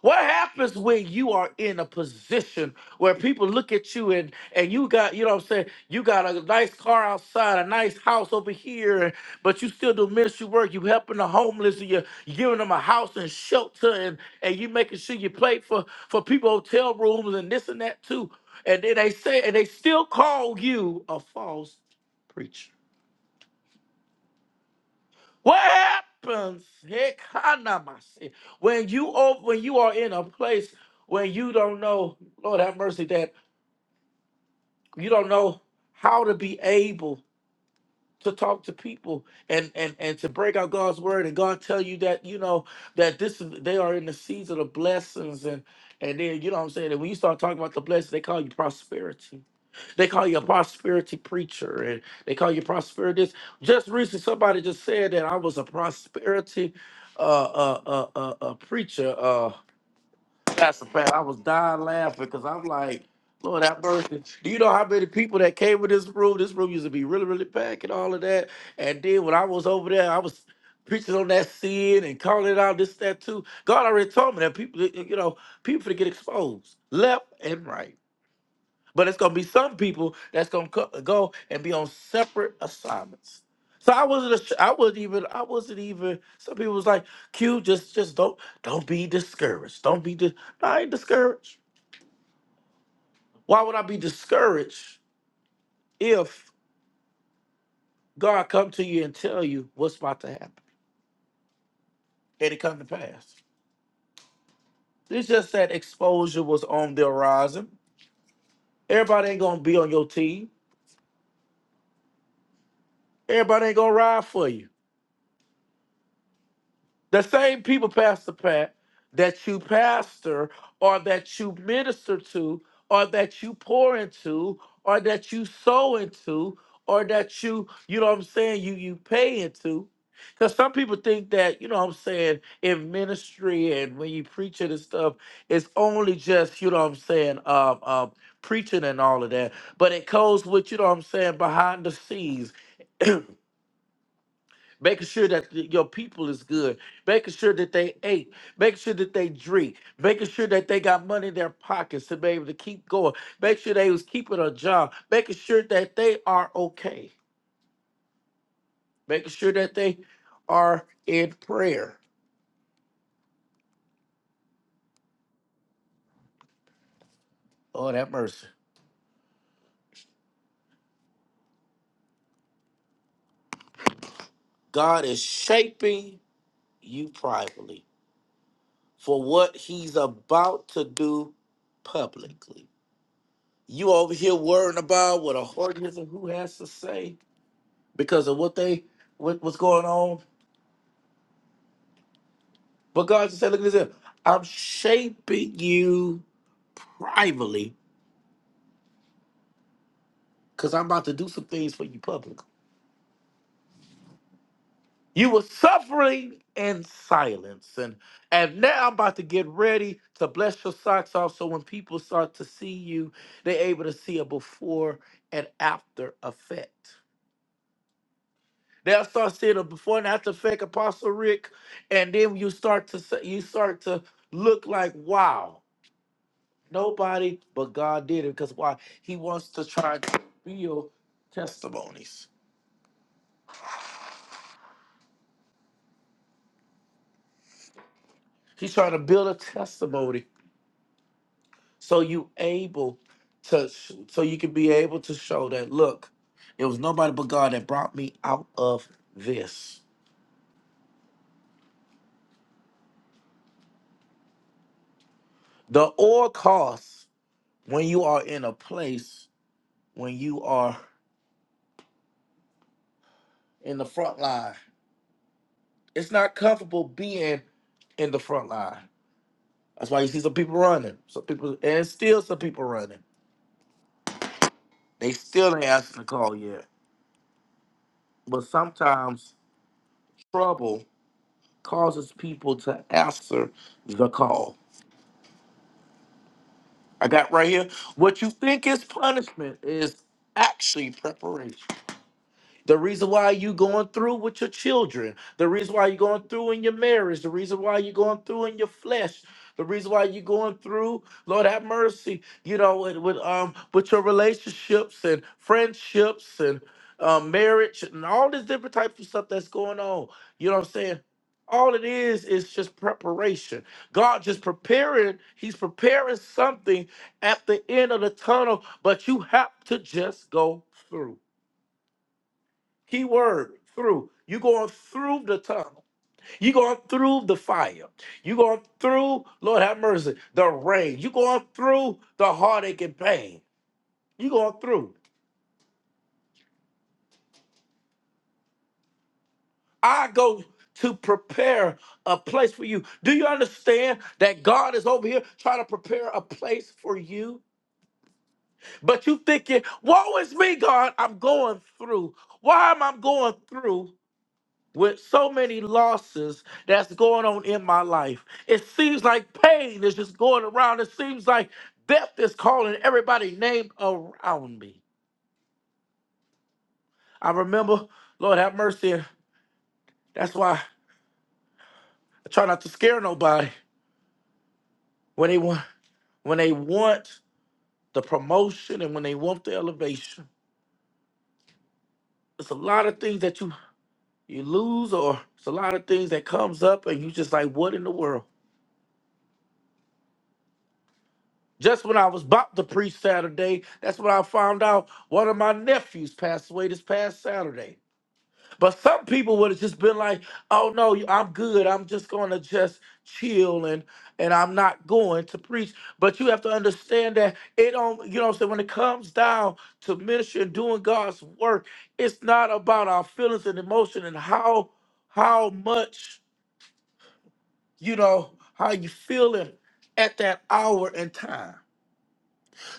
S1: What happens when you are in a position where people look at you and and you got, you know what I'm saying, you got a nice car outside, a nice house over here, and- but you still do ministry work, you helping the homeless, and you're giving them a house and shelter and and you making sure you play for for people hotel rooms and this and that too. And then they say and they still call you a false preacher. What happens Hekanamasi, when you op- when you are in a place when you don't know, Lord have mercy, that you don't know how to be able to talk to people and and and to break out God's word and God tell you that you know that this is they are in the season of blessings and and then you know what I'm saying and when you start talking about the blessings they call you prosperity they call you a prosperity preacher and they call you prosperity. this. Just recently, somebody just said that I was a prosperity uh, uh, uh, uh, uh, preacher. Uh, Pastor Pat, I was dying laughing because I'm like, Lord have mercy. Do you know how many people that came with this room? This room used to be really, really packed and all of that. And then when I was over there, I was preaching on that sin and calling it out, this, that, too. God already told me that people, you know, people to get exposed left and right. But it's gonna be some people that's gonna co- go and be on separate assignments. So I wasn't. ass- I wasn't even. I wasn't even. Some people was like, "Q, just, just don't, don't be discouraged. Don't be. Dis- No, I ain't discouraged. Why would I be discouraged if God come to you and tell you what's about to happen and it come to pass? It's just that exposure was on the horizon. Everybody ain't gonna be on your team. Everybody ain't gonna ride for you. The same people, Pastor Pat, that you pastor or that you minister to or that you pour into or that you sow into or that you, you know what I'm saying, you you pay into. Because some people think that, you know what I'm saying, in ministry and when you preach it and stuff, it's only just, you know what I'm saying, um, um, preaching and all of that. But it goes with, you know what I'm saying, behind the scenes making sure that the- your people is good, making sure that they ate, making sure that they drink, making sure that they got money in their pockets to be able to keep going, make sure they was keeping a job, making sure that they are okay, making sure that they are in prayer. Oh, that mercy. God is shaping you privately for what he's about to do publicly. You over here worrying about what a whore is and who has to say because of what they what, what's going on. But God just said, look at this here. I'm shaping you privately because I'm about to do some things for you publicly. You were suffering in silence, and and now I'm about to get ready to bless your socks off. So when people start to see you, they're able to see a before and after effect. They'll start seeing a before and after effect, Apostle Rick, and then you start to s- you start to look like wow. Nobody but God did it because why? He wants to try to build testimonies. He's trying to build a testimony so you able to so you can be able to show that look, it was nobody but God that brought me out of this. The oil costs when you are in a place when you are in the front line. It's not comfortable being in the front line. That's why you see some people running, some people, and still some people running They still ain't answering the call yet. But sometimes trouble causes people to answer the call. I got right here. What you think is punishment is actually preparation. The reason why you going through with your children, the reason why you're going through in your marriage, the reason why you're going through in your flesh, the reason why you're going through, Lord have mercy, you know, with, with um with your relationships and friendships and um, marriage and all this different type of stuff that's going on. You know what I'm saying? All it is is just preparation. God just preparing, He's preparing something at the end of the tunnel, but you have to just go through. Key word through. You're going through the tunnel. You're going through the fire. You're going through, Lord have mercy, the rain. You're going through the heartache and pain. You're going through. I go to prepare a place for you. Do you understand that God is over here trying to prepare a place for you? But you thinking, woe is me, God, I'm going through. Why am I going through? with so many losses that's going on in my life. It seems like pain is just going around. It seems like death is calling everybody name around me. I remember, Lord have mercy, and that's why I try not to scare nobody when they want when they want the promotion and when they want the elevation. It's a lot of things that you you lose or it's a lot of things that comes up and you just like what in the world? Just when I was about to preach Saturday, that's when I found out one of my nephews passed away this past Saturday. But some people would have just been like, "Oh no, you- I'm good. I'm just going to just chill and and I'm not going to preach." But you have to understand that it don't. You know, what I'm saying when it comes down to ministry and doing God's work, it's not about our feelings and emotion and how how much you know how you feeling at that hour and time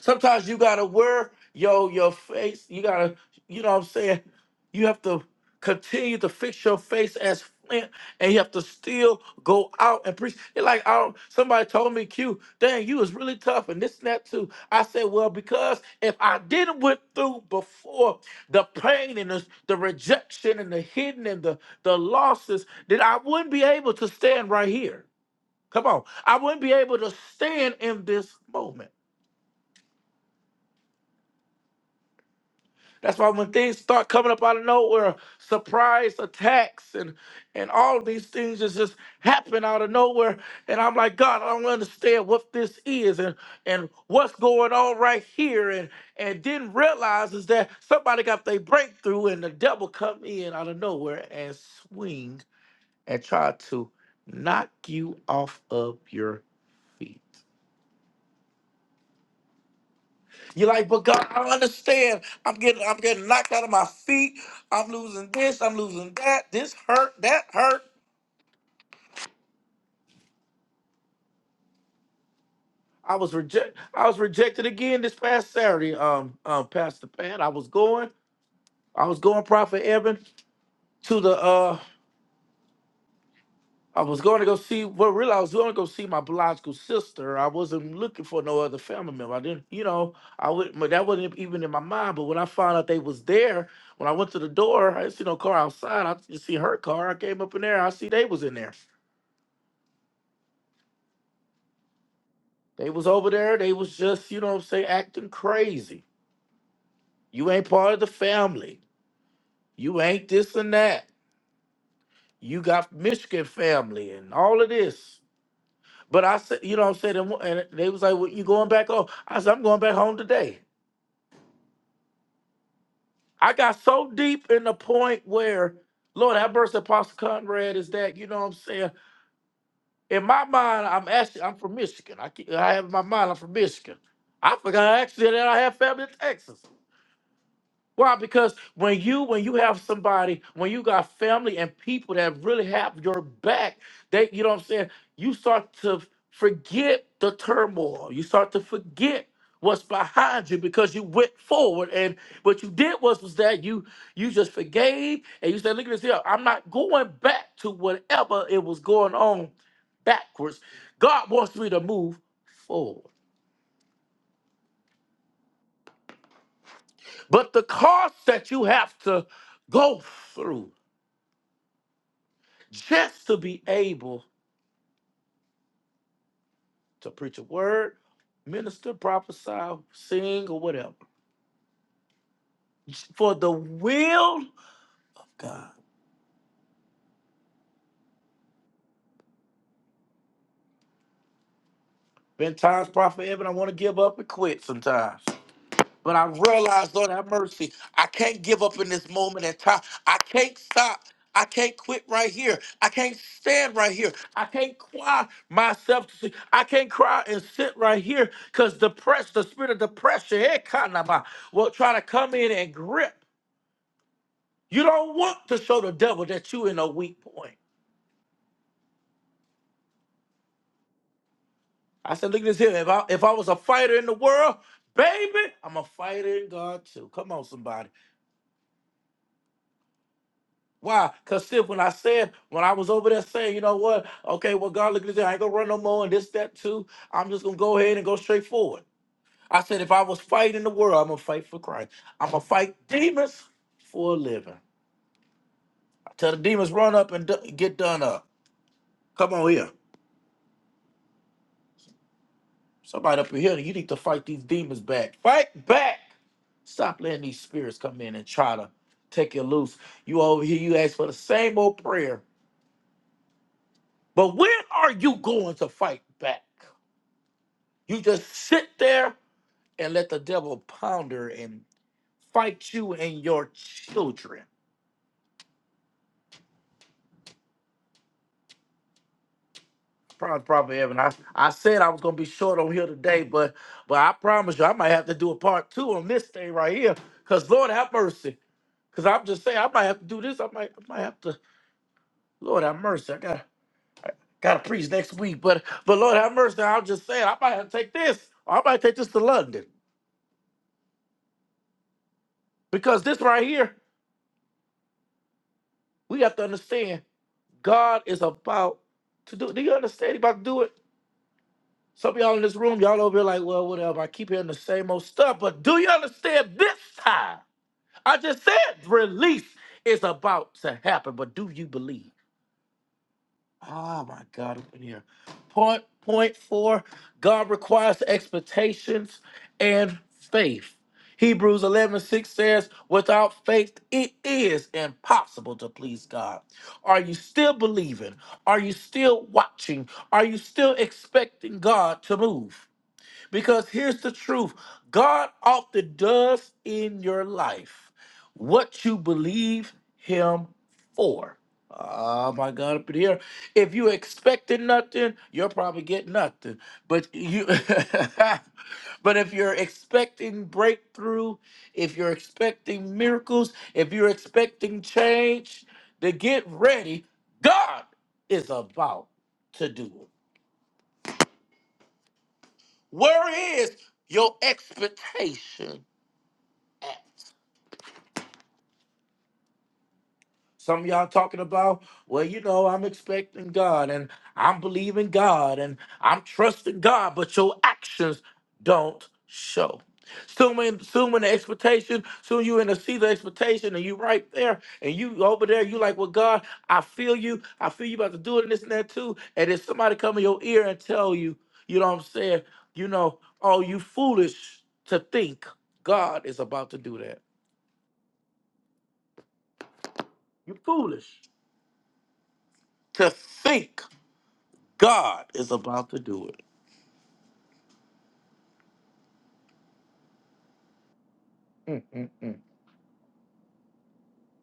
S1: Sometimes you gotta wear yo your face. You gotta, you know what I'm saying? You have to continue to fix your face as flint and you have to still go out and preach. It's like I don't somebody told me, Q, dang, you was really tough and this and that too. I said, Well, because if I didn't went through before the pain and the, the rejection and the hidden and the, the losses, then I wouldn't be able to stand right here. Come on. I wouldn't be able to stand in this moment. That's why when things start coming up out of nowhere, surprise attacks and and all of these things just, just happen out of nowhere. And I'm like, God, I don't understand what this is and and what's going on right here. And and didn't realize is that somebody got their breakthrough and the devil come in out of nowhere and swing and try to knock you off of your feet. You're like, but God, I don't understand. I'm getting, I'm getting knocked out of my feet. I'm losing this. I'm losing that. This hurt. That hurt. I was reject. I was rejected again this past Saturday. Um, um, Pastor Pat. I was going. I was going, Prophet Evan, to the uh I was going to go see. Well, really, I was going to go see my biological sister. I wasn't looking for no other family member. I didn't, you know, I would. But that wasn't even in my mind. But when I found out they was there, when I went to the door, I didn't see no car outside. I just see her car. I came up in there. I see they was in there. They was over there. They was just, you know, what I'm saying, acting crazy. You ain't part of the family. You ain't this and that. You got Michigan family and all of this. But I said, you know what I'm saying? And and they was like, well, you going back home? I said, I'm going back home today. I got so deep in the point where, Lord, that verse Apostle Conrad is that, you know what I'm saying? In my mind, I'm actually, I'm from Michigan. I, keep, I have in my mind, I'm from Michigan. I forgot actually that I have family in Texas. Why? Because when you when you have somebody, when you got family and people that really have your back, they you know what I'm saying, you start to forget the turmoil. You start to forget what's behind you because you went forward and what you did was was that you you just forgave and you said, look at this here, I'm not going back to whatever it was going on backwards. God wants me to move forward. But the cost that you have to go through just to be able to preach a word, minister, prophesy, sing, or whatever. For the will of God. Been times, Prophet Evan, I want to give up and quit sometimes. But I realize, Lord, have mercy. I can't give up in this moment in time. I can't stop. I can't quit right here. I can't stand right here. I can't cry myself to sleep. I can't cry and sit right here because the press, the spirit of depression, eh, kanaba, will try to come in and grip. You don't want to show the devil that you in a weak point. I said, look at this here. If I if I was a fighter in the world, baby, I'm a fighter in God too. Come on, somebody. Why? Because still when I said, when I was over there saying, you know what? Okay, well, God, look at this here. I ain't gonna run no more and this, that too. I'm just gonna go ahead and go straight forward. I said, if I was fighting the world, I'm gonna fight for Christ. I'm gonna fight demons for a living. I tell the demons, run up and d- get done up. Come on here. Somebody up in here, you need to fight these demons back. Fight back. Stop letting these spirits come in and try to take you loose. You over here, you ask for the same old prayer. But when are you going to fight back? You just sit there and let the devil ponder and fight you and your children. Promise, Prophet Evan. I, I said I was gonna be short on here today, but but I promise you I might have to do a part two on this thing right here. Cause Lord have mercy. Cause I'm just saying I might have to do this. I might I might have to Lord have mercy. I got got to preach next week, but but Lord have mercy. i am just saying, I might have to take this. Or I might take this to London because this right here, we have to understand. God is about to do. Do you understand? He about to do it. Some of y'all in this room, y'all over here like, well, whatever. I keep hearing the same old stuff, but do you understand? This time, I just said release is about to happen, but do you believe? Oh my God, up in here. Point point four, God requires expectations and faith. Hebrews 11 6 says, without faith, it is impossible to please God. Are you still believing? Are you still watching? Are you still expecting God to move? Because here's the truth God often does in your life what you believe Him for. Oh my God, up in here. If you expected nothing, you'll probably get nothing. But you but if you're expecting breakthrough, if you're expecting miracles, if you're expecting change, then get ready. God is about to do it. Where is your expectation at? Some of y'all talking about, well, you know, I'm expecting God and I'm believing God and I'm trusting God, but your actions don't show. Soon, in, soon in the expectation, soon you in the seat of expectation, and you right there, and you over there, you like, well, God, I feel you, I feel you about to do it and this and that too. And if somebody come in your ear and tell you, you know what I'm saying, you know, oh, you foolish to think God is about to do that. You foolish to think God is about to do it.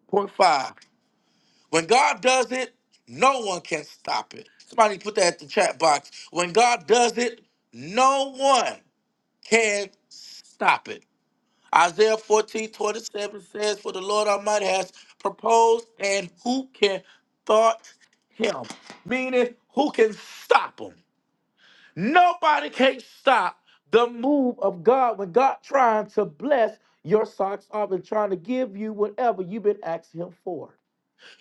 S1: Point five. When God does it, no one can stop it. Somebody put that at the chat box. When God does it, no one can stop it. Isaiah 14:27 says, For the Lord Almighty has proposed, and who can thwart him? Meaning, who can stop him? Nobody can stop the move of God when God trying to bless your socks off and trying to give you whatever you've been asking Him for.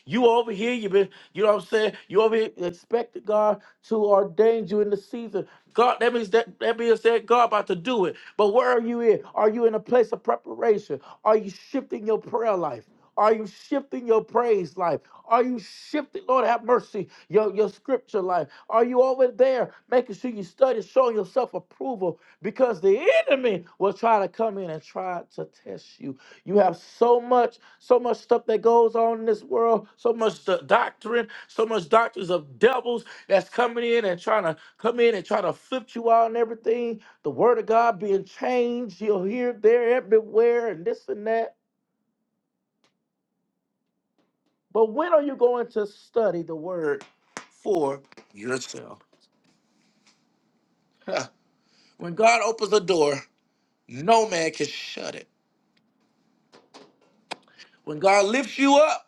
S1: You over here, you been, you know what I'm saying? You over here expecting God to ordain you in the season. God, that means that that means that God about to do it. But where are you in? Are you in a place of preparation? Are you shifting your prayer life? Are you shifting your praise life? Are you shifting, Lord have mercy, your, your scripture life? Are you over there making sure you study, showing yourself approval? Because the enemy will try to come in and try to test you. You have so much so much stuff that goes on in this world, so much the doctrine, so much doctrines of devils that's coming in and trying to come in and try to flip you out and everything. The word of God being changed, you'll hear there, everywhere, and this and that. But when are you going to study the word for yourself? when God opens a door, no man can shut it. When God lifts you up,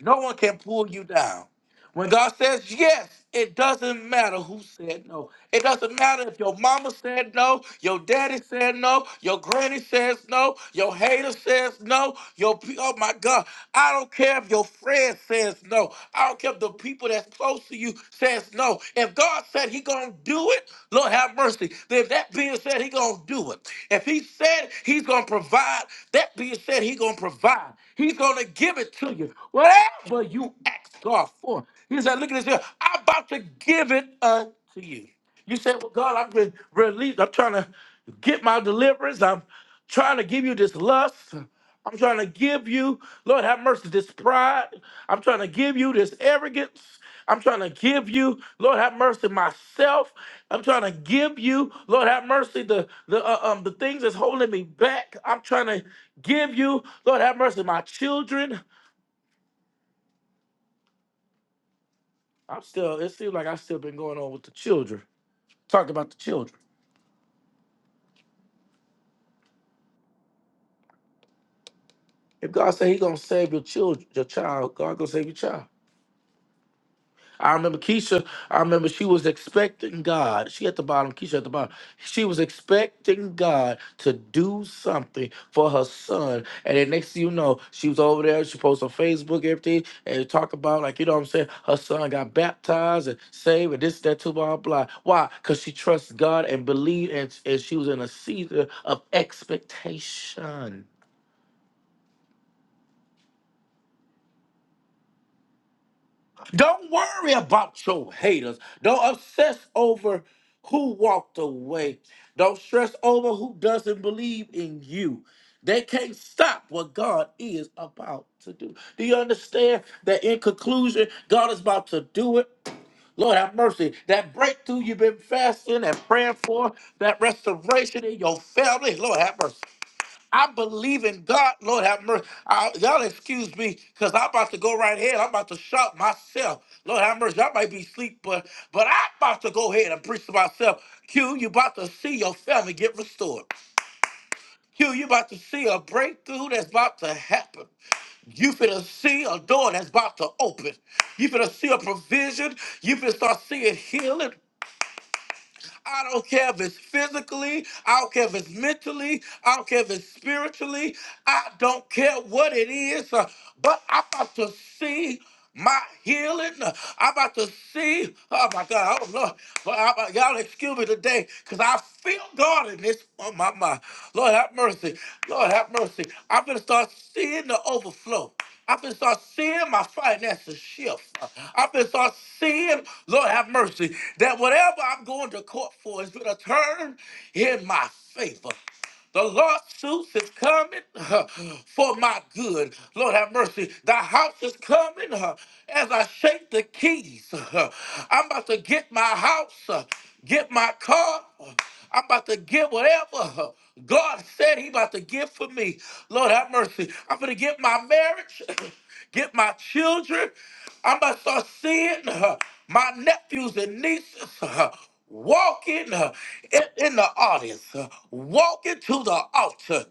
S1: No one can pull you down. When God says yes, it doesn't matter who said no. It doesn't matter if your mama said no, your daddy said no, your granny says no, your hater says no, your pe- oh my God, I don't care if your friend says no. I don't care if the people that's close to you says no, if God said He gonna do it, Lord have mercy. If that being said, He gonna do it. If He said He's gonna provide, that being said, He gonna provide. He's gonna give it to you, whatever you ask God for. He said, "Look at this here. I'm about to give it unto you." You said, "Well, God, I've been released. I'm trying to get my deliverance. I'm trying to give you this lust." I'm trying to give you, Lord have mercy, this pride. I'm trying to give you this arrogance. I'm trying to give you, Lord have mercy, myself. I'm trying to give you, Lord have mercy, the the uh, um the things that's holding me back. I'm trying to give you, Lord have mercy, my children. I'm still. It seems like I've still been going on with the children. Talking about the children. If God said He gonna save your children, your child, God gonna save your child. I remember Keisha, I remember she was expecting God. She at the bottom, Keisha at the bottom. She was expecting God to do something for her son. And then next thing you know, she was over there, she posted on Facebook, everything, and talk about, like, you know what I'm saying? Her son got baptized and saved and this, that, too, blah, blah. Why? Because she trusts God and believed, and, and she was in a season of expectation. Don't worry about your haters. Don't obsess over who walked away. Don't stress over who doesn't believe in you. They can't stop what God is about to do. Do you understand that in conclusion, God is about to do it? Lord have mercy. That breakthrough you've been fasting and praying for, that restoration in your family, Lord have mercy. I believe in God. Lord have mercy. I- y'all excuse me, because I'm about to go right ahead. I'm about to shout myself. Lord have mercy. I might be asleep, but but I'm about to go ahead and preach to myself. Q, you about to see your family get restored. Q, you about to see a breakthrough that's about to happen. You finna see a door that's about to open. You finna see a provision. You finna start seeing healing. I don't care if it's physically, I don't care if it's mentally, I don't care if it's spiritually, I don't care what it is, uh, but I'm about to see my healing. I'm about to see. Oh my God. Oh Lord. Lord, I'm about- y'all excuse me today because I feel God in this. Oh my, my. Lord have mercy. Lord have mercy. I'm going to start seeing the overflow. i am gonna start seeing my finances shift. i am gonna start seeing, Lord have mercy, that whatever I'm going to court for is going to turn in my favor. The lawsuits is coming huh, for my good. Lord have mercy. The house is coming huh, as I shake the keys. huh. I'm about to get my house, huh, get my car. huh. I'm about to get whatever huh, God said He about to give for me. Lord have mercy. I'm going to get my marriage. get my children. I'm going to start seeing uh, my nephews and nieces uh, walking uh, in, in the audience, uh, walking to the altar.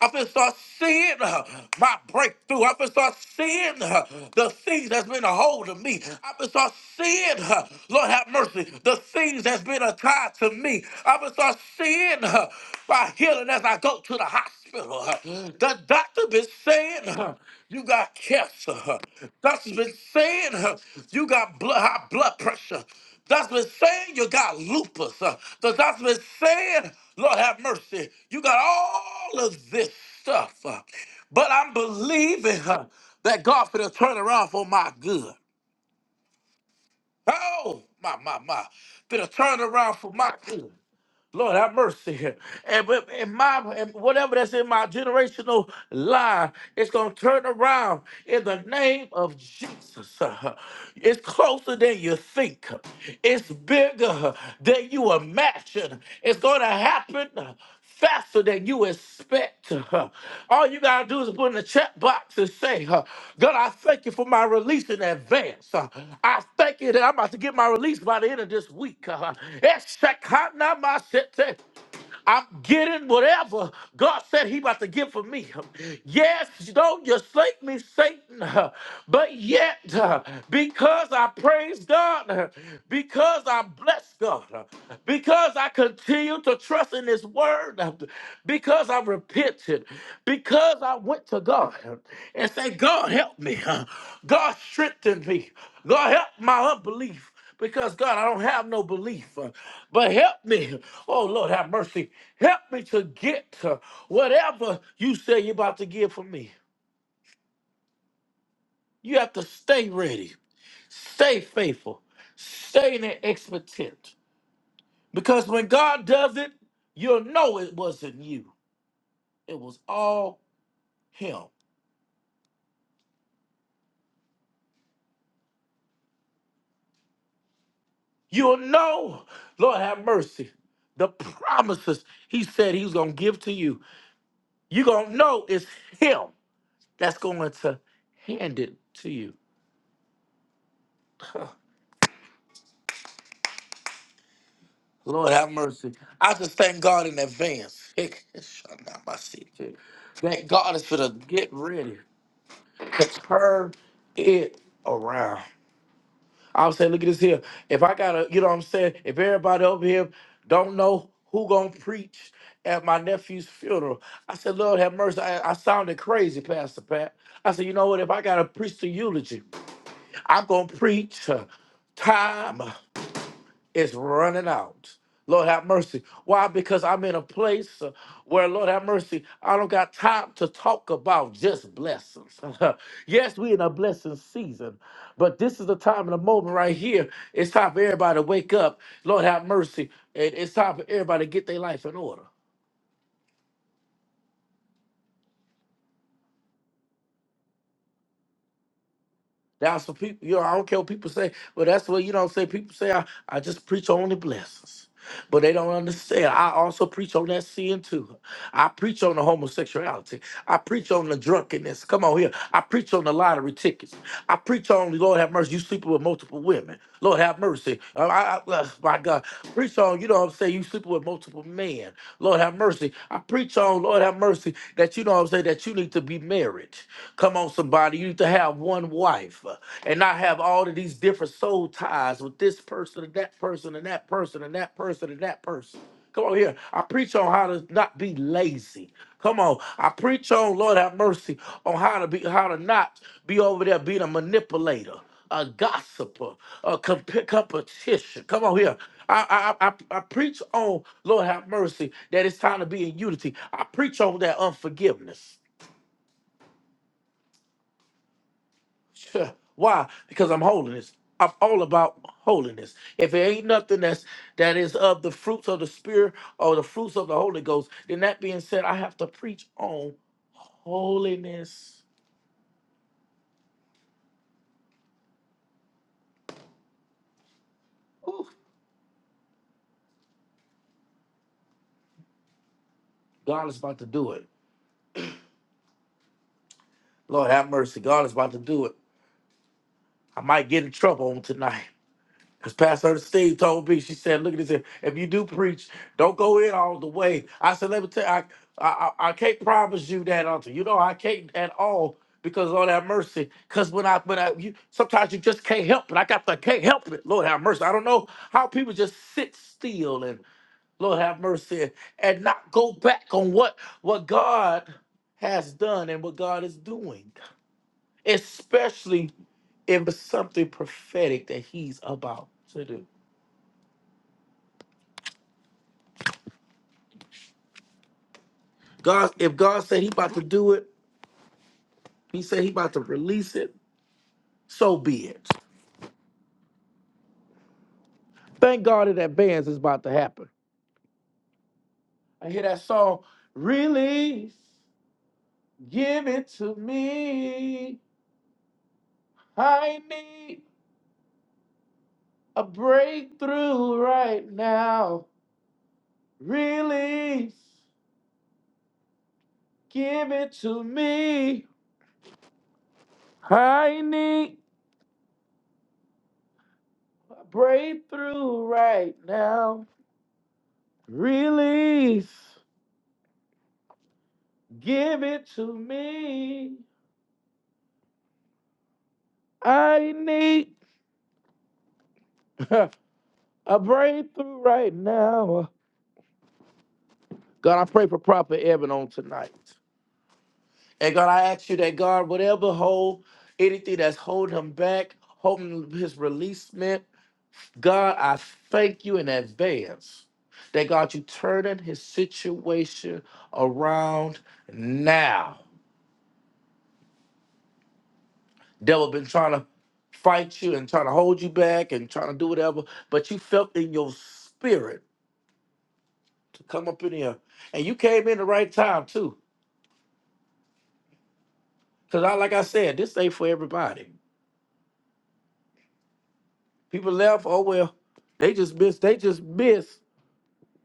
S1: I can start seeing uh, my breakthrough. I can start seeing uh, the things that's been a hold of me. I can start seeing, uh, Lord have mercy, the things that's been a tie to me. I can start seeing uh, my healing as I go to the hospital. uh. The doctor been saying uh, you got cancer. uh. Doctor's been saying uh, you got blood, high blood pressure. That's been saying you got lupus. Uh, that- that's been saying, Lord have mercy, you got all of this stuff. Uh, but I'm believing uh, that God for the turn around for my good. Oh, my, my, my. Did a turnaround for my kingdom. Lord, have mercy. And, but- and my and whatever that's in my generational line, it's gonna turn around in the name of Jesus. It's closer than you think. It's bigger than you imagine. It's gonna happen faster than you expect. huh. All you gotta do is put in the chat box and say, uh, God, I thank you for my release in advance. Uh, I thank you that I'm about to get my release by the end of this week. Huh. It's Uh, I'm getting whatever God said He about to give for me. Yes, don't you slake me, Satan. But yet, because I praise God, because I bless God, because I continue to trust in His Word, because I repented, because I went to God and said, God help me, God strengthen me, God help my unbelief because God, I don't have no belief. uh, But help me, oh Lord, have mercy. Help me to get uh, whatever you say you're about to give for me. You have to stay ready, stay faithful, stay in that expectant. Because when God does it, you'll know it wasn't you. It was all Him. You'll know, Lord, have mercy. The promises He said He was gonna give to you, you're gonna know it's Him. that's going to hand it to you. Lord have mercy. I just thank God in advance. That God is for to get ready to turn it around. I was say, look at this here. If I gotta, you know what I'm saying, if everybody over here don't know who gonna preach at my nephew's funeral, I said, Lord have mercy. I, I sounded crazy, Pastor Pat. I said, you know what? If I gotta preach the eulogy, I'm gonna preach uh, time. is running out. Lord have mercy. Why? Because I'm in a place uh, where, Lord have mercy, I don't got time to talk about just blessings. yes, we in a blessing season, but this is the time and the moment right here. It's time for everybody to wake up. Lord have mercy. And it's time for everybody to get their life in order. That's what people, you know, I don't care what people say. Well, that's what, you know what I'm saying? People say, I, I just preach on the blessings. But they don't understand. I also preach on that sin too. I preach on the homosexuality. I preach on the drunkenness. Come on here. I preach on the lottery tickets. I preach on, Lord have mercy, you sleeping with multiple women. Lord have mercy. Uh, I, I, uh, my God. Preach on, you know what I'm saying? You sleeping with multiple men. Lord have mercy. I preach on, Lord have mercy, that you know what I'm saying, that you need to be married. Come on, somebody. You need to have one wife uh, and not have all of these different soul ties with this person and that person and that person and that person and that person. Come on here. I preach on how to not be lazy. Come on. I preach on, Lord have mercy, on how to be how to not be over there being a manipulator a gossiper, a comp- competition. Come on here. I, I, I, I preach on, Lord have mercy, that it's time to be in unity. I preach on that unforgiveness. Sure. Why? Because I'm holiness. I'm all about holiness. If it ain't nothing that's that is of the fruits of the spirit or the fruits of the Holy Ghost, then that being said, I have to preach on holiness. Ooh, God is about to do it. Lord have mercy. God is about to do it. I might get in trouble on tonight. Because Pastor Steve told me, she said, look at this. here. If you do preach, don't go in all the way. I said, let me tell you, I, I, I I can't promise you that, Auntie. You know, I can't at all because of all that mercy. Because when I, when I, you, sometimes you just can't help it. I got the, can't help it. Lord have mercy. I don't know how people just sit still and Lord have mercy and, and not go back on what, what God has done and what God is doing, especially if it's something prophetic that he's about to do. God, if God said He about to do it, He said He about to release it. So be it. Thank God that that bands is about to happen. I hear that song, release, give it to me. I need a breakthrough right now. Release, give it to me. I need a breakthrough right now. Release, give it to me. I need a breakthrough right now. God, I pray for proper Evan on tonight. And God, I ask you that God, whatever hold, anything that's holding him back, holding his releasement, God, I thank you in advance that God, you turning his situation around now. Devil been trying to fight you and trying to hold you back and trying to do whatever, but you felt in your spirit to come up in here. And you came in the right time too. Cause I like I said, this ain't for everybody. People left, oh well, they just miss they just miss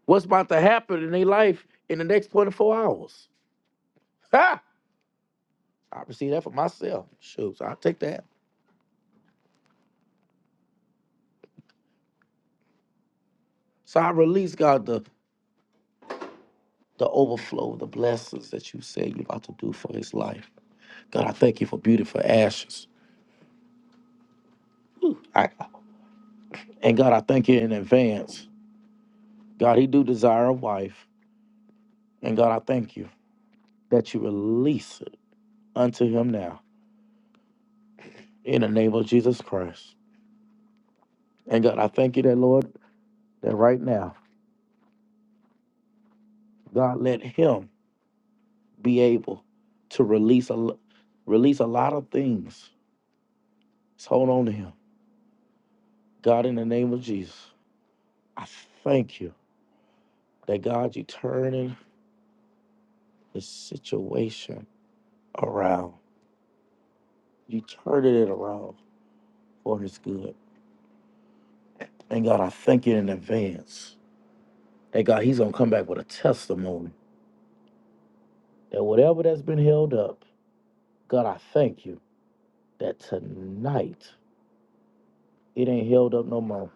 S1: what's about to happen in their life in the next 24 hours. Ha! I receive that for myself. Shoot, so I take that. So I release God the the overflow, the blessings that you said you're about to do for his life. God, I thank you for beautiful ashes. I, and God, I thank you in advance. God, he do desire a wife. And God, I thank you that you release unto him now in the name of Jesus Christ. And God, I thank you that, Lord, that right now, God, let him be able to release a release a lot of things. Just hold on to him. God, in the name of Jesus, I thank you that, God, you turning the situation around. You turning it around for his good. And God, I thank you in advance that, God, he's going to come back with a testimony that whatever that's been held up, God, I thank you that tonight it ain't held up no more.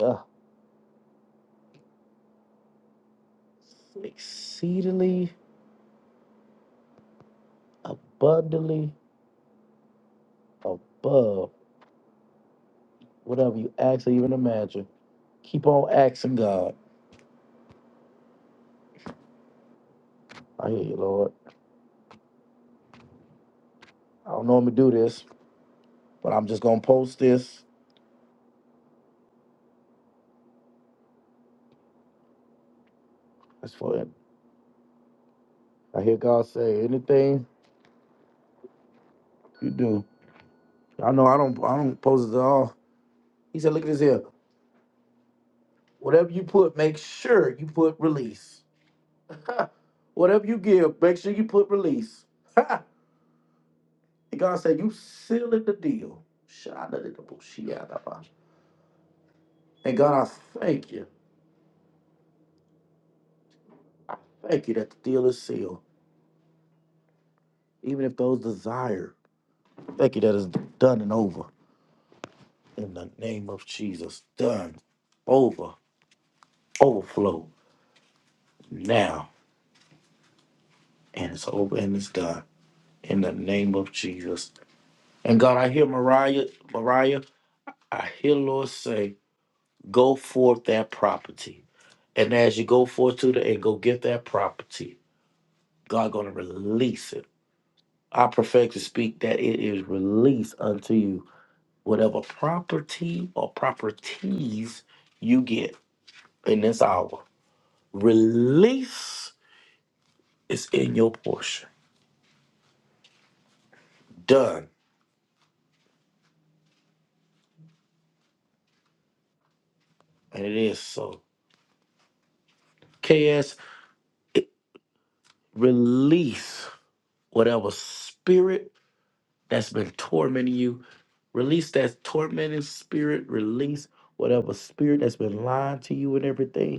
S1: Ugh. Exceedingly, abundantly, above whatever you ask or even imagine. Keep on asking God. I hear you, Lord. I don't normally do this, but I'm just gonna post this. That's for it. I hear God say, anything you do. I know I don't I don't post it at all. He said, look at this here. Whatever you put, make sure you put release. Whatever you give, make sure you put release. And God said, You sealed the deal. Shadadadabushiyadaba. And God, I thank you. Thank you that the deal is sealed. Even if those desire, thank you that it's done and over. In the name of Jesus. Done. Over. Overflow. Now. And it's over and it's done. In the name of Jesus. And God, I hear Mariah, Mariah, I hear Lord say, go forth that property. And as you go forth to the and go get that property, God gonna release it I perfect to speak that it is released unto you. Whatever property or properties you get in this hour, release is in your portion. Done. And it is so. KS, it, release whatever spirit that's been tormenting you. Release that tormenting spirit. Release whatever spirit that's been lying to you and everything.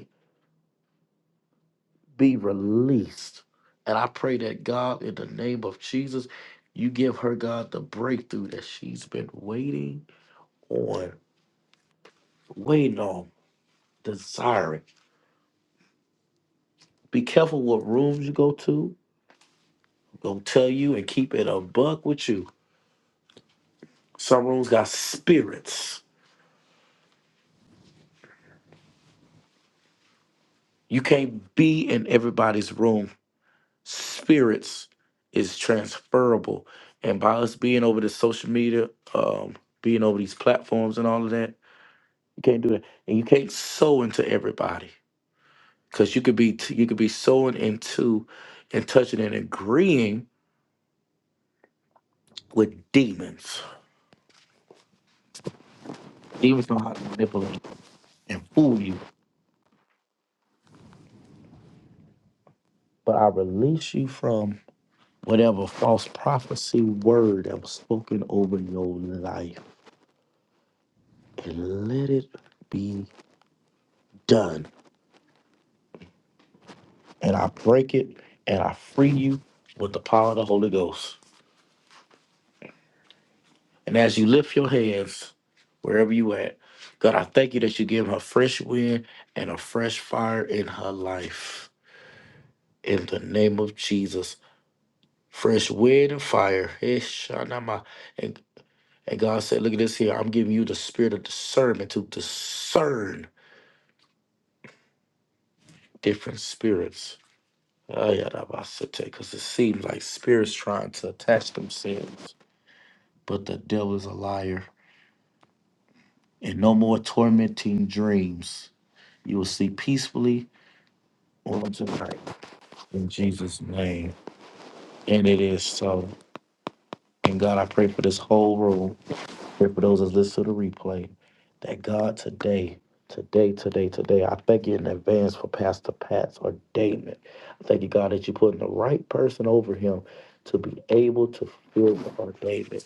S1: be released. And I pray that God, in the name of Jesus, you give her, God, the breakthrough that she's been waiting on, waiting on, desiring. Be careful what rooms you go to. I'm Gonna tell you and keep it a buck with you. Some rooms got spirits. You can't be in everybody's room. Spirits is transferable. And by us being over the social media, um, being over these platforms and all of that, You can't do that, and you can't sow into everybody because you could be you could be sowing into and touching and agreeing with demons. Demons know how to manipulate and fool you. But I release you from whatever false prophecy word that was spoken over your life, and let it be done. And I break it, and I free you with the power of the Holy Ghost. And as you lift your hands, wherever you at, God, I thank you that you give her fresh wind and a fresh fire in her life. In the name of Jesus. Fresh wind and fire. Eh, shanama. And, and God said, look at this here. I'm giving you the spirit of discernment to discern different spirits. Because it seems like spirits trying to attach themselves. But the devil is a liar. And no more tormenting dreams. You will sleep peacefully on tonight in Jesus' name. And it is so. And God, I pray for this whole room. Pray for those that listen to the replay. That God today, today, today, today, I thank you in advance for Pastor Pat's ordainment. I thank you, God, that you're putting the right person over him to be able to fill the ordainment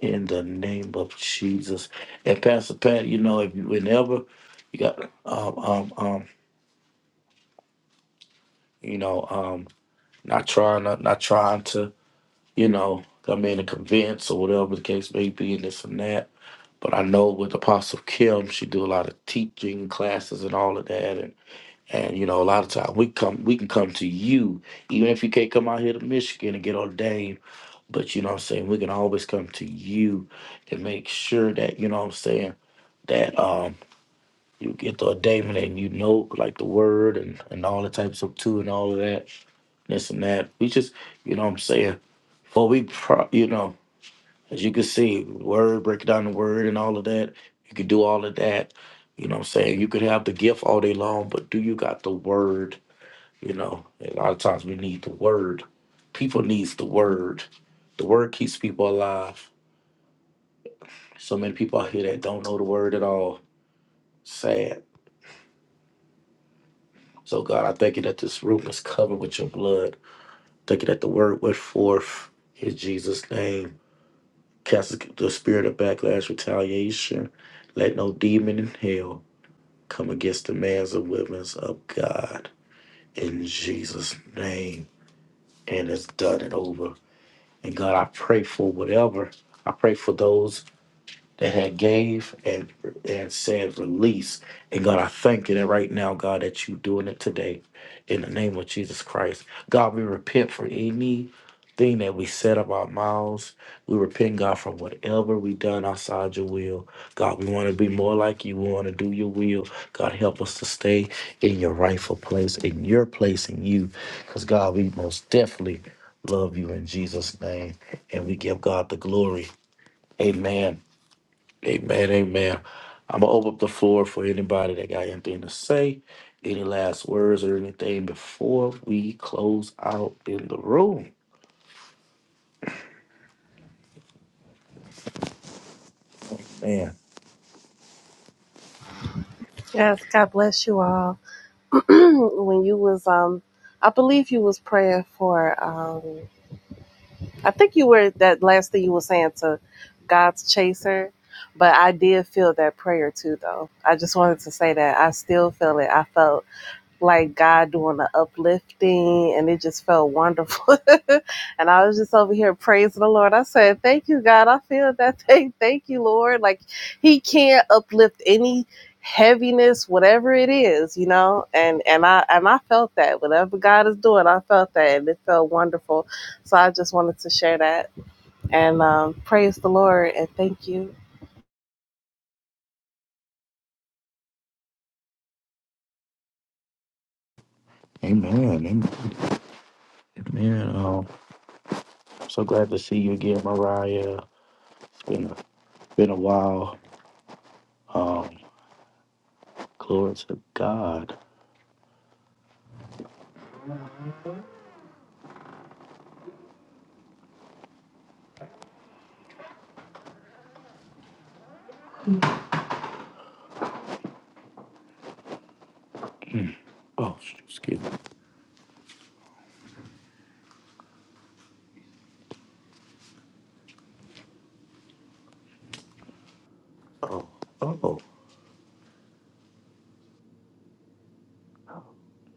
S1: in the name of Jesus. And Pastor Pat, you know, if you whenever you got um um um, you know, um not trying to not trying to you know, I mean, to convince or whatever the case may be, and this and that. But I know with Apostle Kim, she do a lot of teaching classes and all of that, and and you know, a lot of time we come, we can come to you, even if you can't come out here to Michigan and get ordained. But you know what I'm saying, we can always come to you and make sure that, you know what I'm saying, that um you get the ordainment and you know like the word and, and all the types of two and all of that this and that. We just, you know what I'm saying? For we, pro- you know, as you can see, word, break down the word and all of that. You could do all of that. You know what I'm saying? You could have the gift all day long, but do you got the word? You know, a lot of times we need the word. People needs the word. The word keeps people alive. So many people out here that don't know the word at all. Sad. So God, I thank you that this room is covered with your blood. Thank you that the word went forth in Jesus' name. Cast the spirit of backlash, retaliation. Let no demon in hell come against the mans and women's of God. In Jesus' name. And it's done and over. And God, I pray for whatever. I pray for those that had gave and and said release. And God, I thank you that right now, God, that you doing it today in the name of Jesus Christ. God, we repent for anything that we said about mouths. We repent, God, for whatever we done outside your will. God, we want to be more like you. We want to do your will. God, help us to stay in your rightful place, in your place in you. Because, God, we most definitely love you in Jesus' name. And we give God the glory. Amen. Amen, amen. I'm gonna open up the floor for anybody that got anything to say, any last words or anything before we close out in the room. Man,
S2: Yes, God bless you all. when you was um I believe you was praying for um I think you were that last thing you were saying to God's chaser, but I did feel that prayer too, though. I just wanted to say that I still feel it. I felt like God doing the uplifting, and it just felt wonderful. and I was just over here praising the Lord. I said, "Thank you, God. I feel that thing. Thank you, Lord. Like He can't uplift any heaviness, whatever it is, you know." And and I and I felt that whatever God is doing, I felt that, and it felt wonderful. So I just wanted to share that and um, praise the Lord and thank you.
S1: amen, amen. amen. Um, so glad to see you again, Mariah. It's been a, been a while. Um, glory to God. Oh, sh- excuse me. Oh, oh,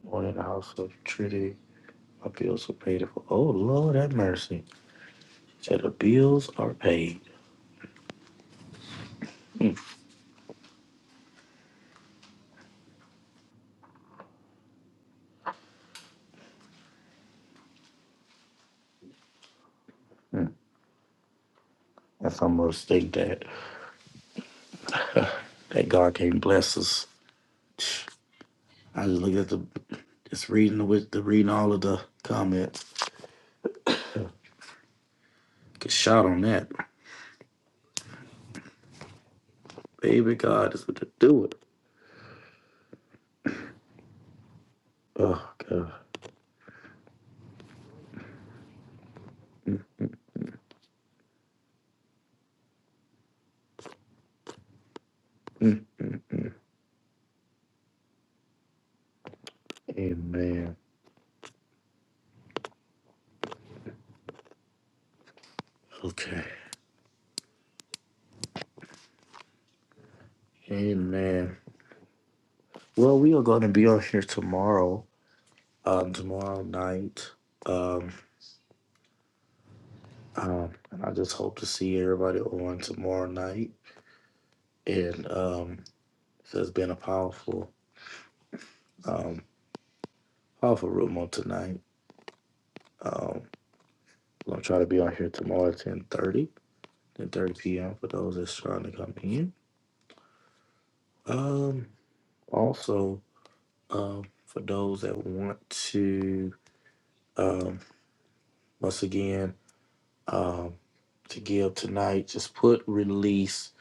S1: born in the house of Trinity. My bills were paid for. Oh Lord, have mercy. Said the bills are paid. Hmm. That's to state that. that God can bless us. I just look at the just reading the with the reading all of the comments. Get shot on that. Baby God is what to do it. Oh God. Mm. Amen. Okay. Amen. Well, we are gonna be on here tomorrow. Um tomorrow night. Um um and I just hope to see everybody on tomorrow night. And um so it's been a powerful um powerful room on tonight. Um, I'll try to be on here tomorrow at 10 30, p.m. for those that's trying to come in. Um, also, um, for those that want to, um, once again, um, to give tonight, just put release,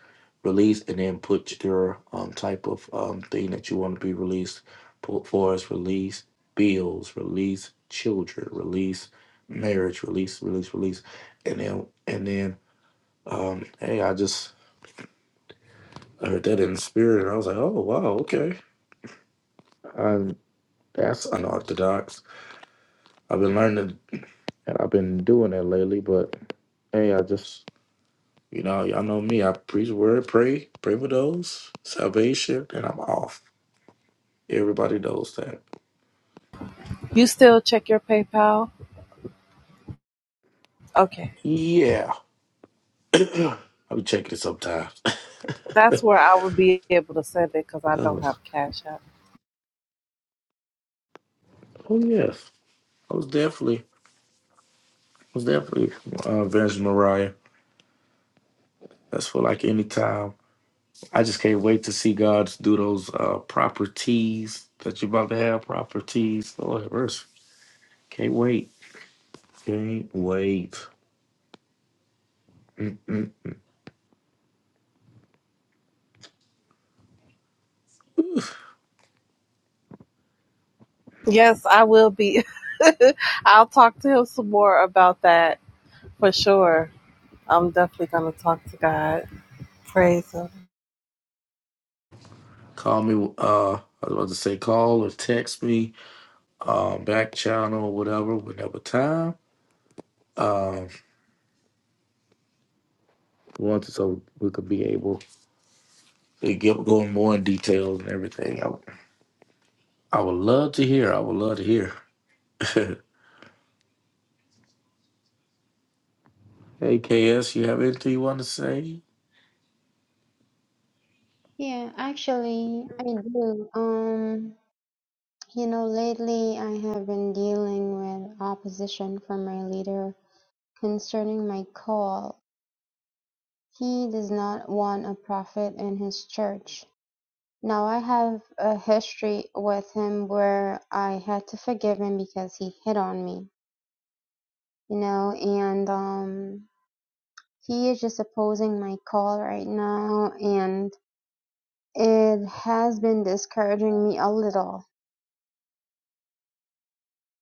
S1: release, and then put your um, type of um, thing that you want to be released Put for us release bills, release children, release marriage, release, release, release, and then, and then, um, hey, I just I heard that in spirit, and I was like, "Oh wow, okay." I'm that's unorthodox. I've been learning, and I've been doing that lately. But hey, I just you know, y'all know me. I preach word, pray, pray for those salvation, and I'm off. Everybody knows that.
S2: You still check your PayPal? Okay.
S1: Yeah, I'll be checking it sometimes.
S2: That's where I will be able to send it because I
S1: oh,
S2: don't have Cash App.
S1: oh yes, I was definitely, I was definitely uh, Vince Mariah. That's for like any time. I just can't wait to see God do those uh, properties that you're about to have. Properties, Lord, have mercy. Can't wait. Can't wait.
S2: Yes, I will be. I'll talk to him some more about that for sure. I'm definitely going to talk to God. Praise Him.
S1: Call me. Uh, I was about to say call or text me. Uh, back channel, or whatever, whenever time. Um, want to so we could be able to get going more in details and everything. I, would- I would love to hear. I would love to hear. hey KS, you have anything you want to say?
S3: Yeah, actually, I do. Um, you know, lately I have been dealing with opposition from my leader concerning my call. He does not want a prophet in his church. Now, I have a history with him where I had to forgive him because he hit on me, you know, and um, he is just opposing my call right now, and it has been discouraging me a little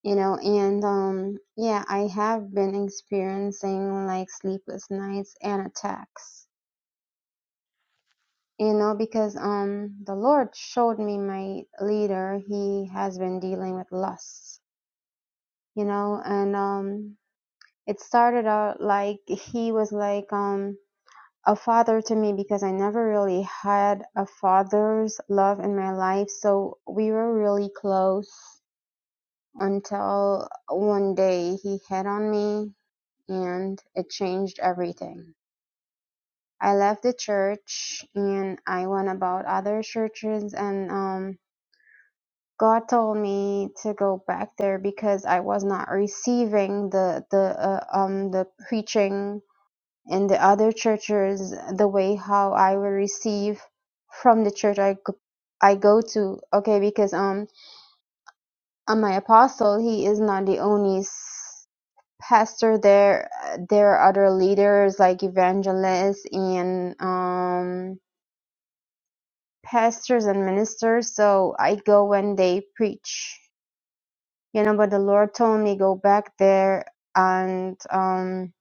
S3: you know and um yeah i have been experiencing like sleepless nights and attacks you know because um the lord showed me my leader he has been dealing with lusts. you know and um it started out like he was like um a father to me because i never really had a father's love in my life so we were really close until one day he hit on me and it changed everything. I left the church and I went about other churches and um God told me to go back there because I was not receiving the the uh, um the preaching in the other churches the way how I would receive from the church I go- I go to okay because um on my apostle he is not the only pastor there there are other leaders like evangelists and um pastors and ministers so i go when they preach you know but the lord told me go back there and um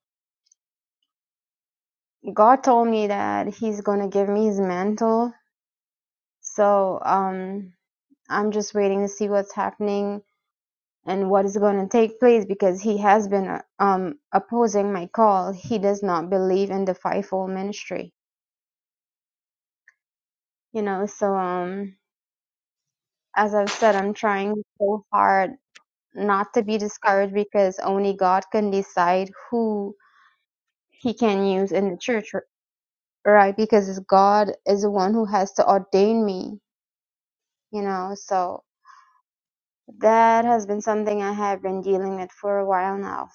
S3: god told me that he's gonna give me his mantle so um i'm just waiting to see what's happening and what is going to take place because he has been uh, um opposing my call he does not believe in the fivefold ministry you know so um as i've said i'm trying so hard not to be discouraged because only god can decide who he can use in the church r- right because it's god is the one who has to ordain me you know so that has been something i have been dealing with for a while now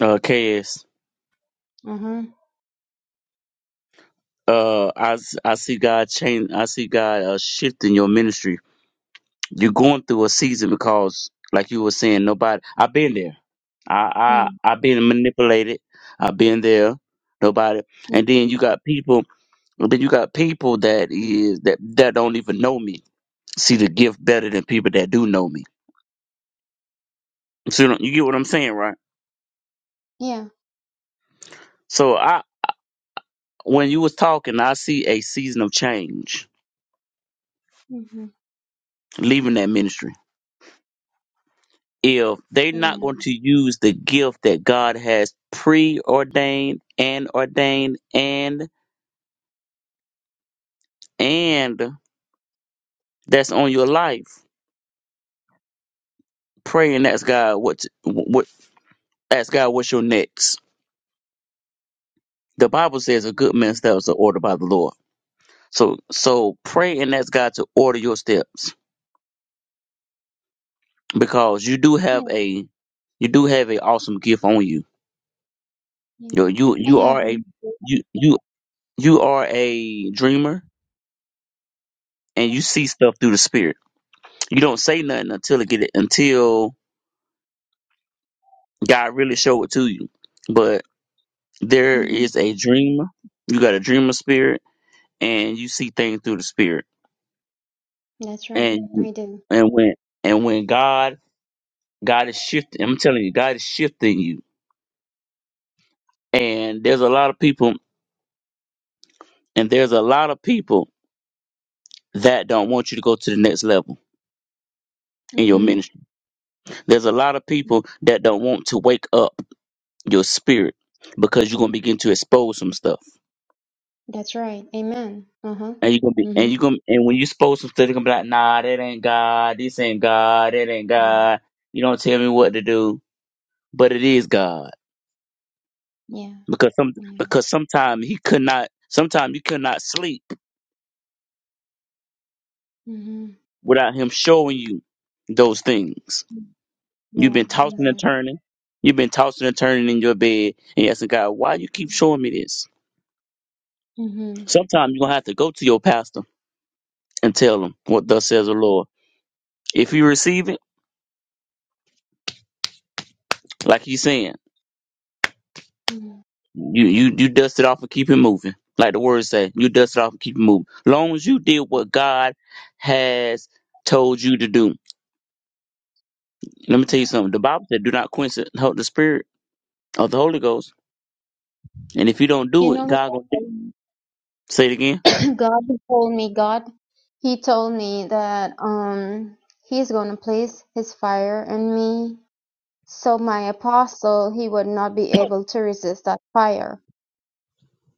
S4: Uh, KS,
S3: mhm
S4: uh, I, I see God change. I see God uh, shifting your ministry. You're going through a season because, like you were saying, nobody. I've been there. I
S3: mm
S4: I I've been manipulated. I've been there. Nobody.
S3: mm
S4: And then you got people. and Then you got people that is that that don't even know me. See the gift better than people that do know me. So you know- you get what I'm saying, right?
S3: yeah
S4: So I when you was talking, I see a season of change
S3: mhm
S4: leaving that ministry. if they're not
S3: yeah
S4: going to use the gift that God has preordained and ordained and and that's on your life. Pray and ask God what what ask God what's your next. The Bible says a good man's
S3: mm
S4: steps are ordered by the Lord. So so pray and ask God to order your steps because you do have
S3: yeah
S4: a you do have an awesome gift on you.
S3: yeah
S4: You you
S3: i
S4: you
S3: have
S4: are a
S3: been
S4: you you you are a dreamer and you see stuff through the spirit You don't say nothing until it get it until God really show it to you. But there
S3: mhm
S4: is a dreamer. You got a dreamer spirit, and you see things through the spirit.
S3: that's right
S4: And
S3: i do
S4: and when and when God God is shifting, I'm telling you, God is shifting you. And there's a lot of people, and there's a lot of people that don't want you to go to the next level in your
S3: mhm
S4: ministry. There's a lot of people that don't want to wake up your spirit because you're gonna begin to expose some stuff
S3: that's right amen uh-huh
S4: And you gonna be
S3: Mm-hmm.
S4: and you gonna and when you supposed to stuff, they gonna be like, nah, that ain't God, this ain't God, that ain't
S3: Mm.
S4: God. You don't tell me what to do. But it is God.
S3: Yeah,
S4: Because some
S3: yeah.
S4: because sometimes he could not sometimes you could not sleep
S3: Mm-hmm.
S4: without him showing you those things. You've
S3: Yeah,
S4: been tossing and
S3: exactly.
S4: turning. You've been tossing and turning in your bed and asking God, why you keep showing me this?
S3: Mm-hmm.
S4: Sometimes you're gonna have to go to your pastor and tell him what thus says the Lord. If you receive it, like he's saying.
S3: Mm-hmm.
S4: You you you dust it off and keep it moving. Like the word say, you dust it off and keep it moving. Long as you did what God has told you to do. Let me tell you something. The Bible said, "Do not quench the Hol- the Spirit of the Holy Ghost." And if you don't
S3: You
S4: do it,
S3: know, what
S4: God gonna do. It.
S3: God
S4: Say it again.
S3: God told me, God, He told me that um He's going to place His fire in me, so my apostle, he would not be able to resist that fire.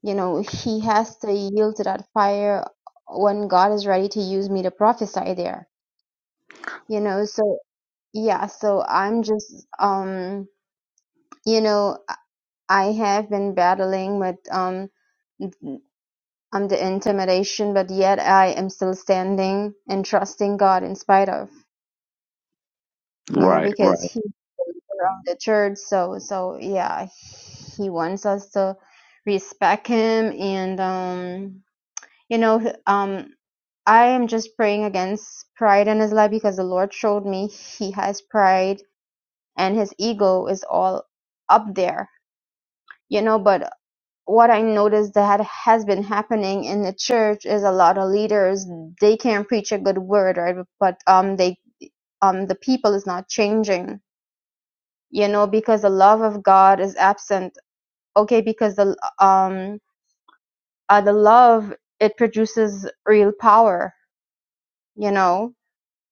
S3: You know, he has to yield to that fire when God is ready to use me to prophesy there. You know, so yeah, so I'm just um. you know I have been battling with um um the intimidation, but yet I am still standing and trusting God in spite of you know
S4: Right, right.
S3: because He around the church. So so yeah, He wants us to respect Him and um you know um I am just praying against pride in His life because the Lord showed me He has pride and His ego is all up there you know but what I noticed that has been happening in the church is a lot of leaders they can preach a good word, right? But um they um the people is not changing, you know, because the love of God is absent. Okay, because the um uh, the love it produces real power, you know.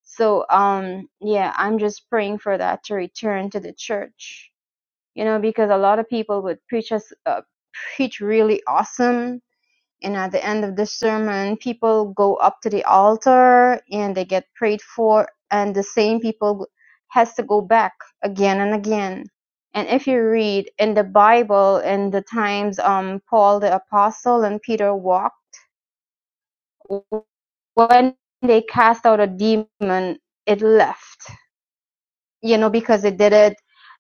S3: So um yeah, I'm just praying for that to return to the church. You know, because a lot of people would preach us uh, preach really awesome And at the end of the sermon, people go up to the altar and they get prayed for, and the same people has to go back again and again. And if you read in the Bible, in the times um, Paul the apostle and Peter walked, when they cast out a demon, it left you know, because they did it.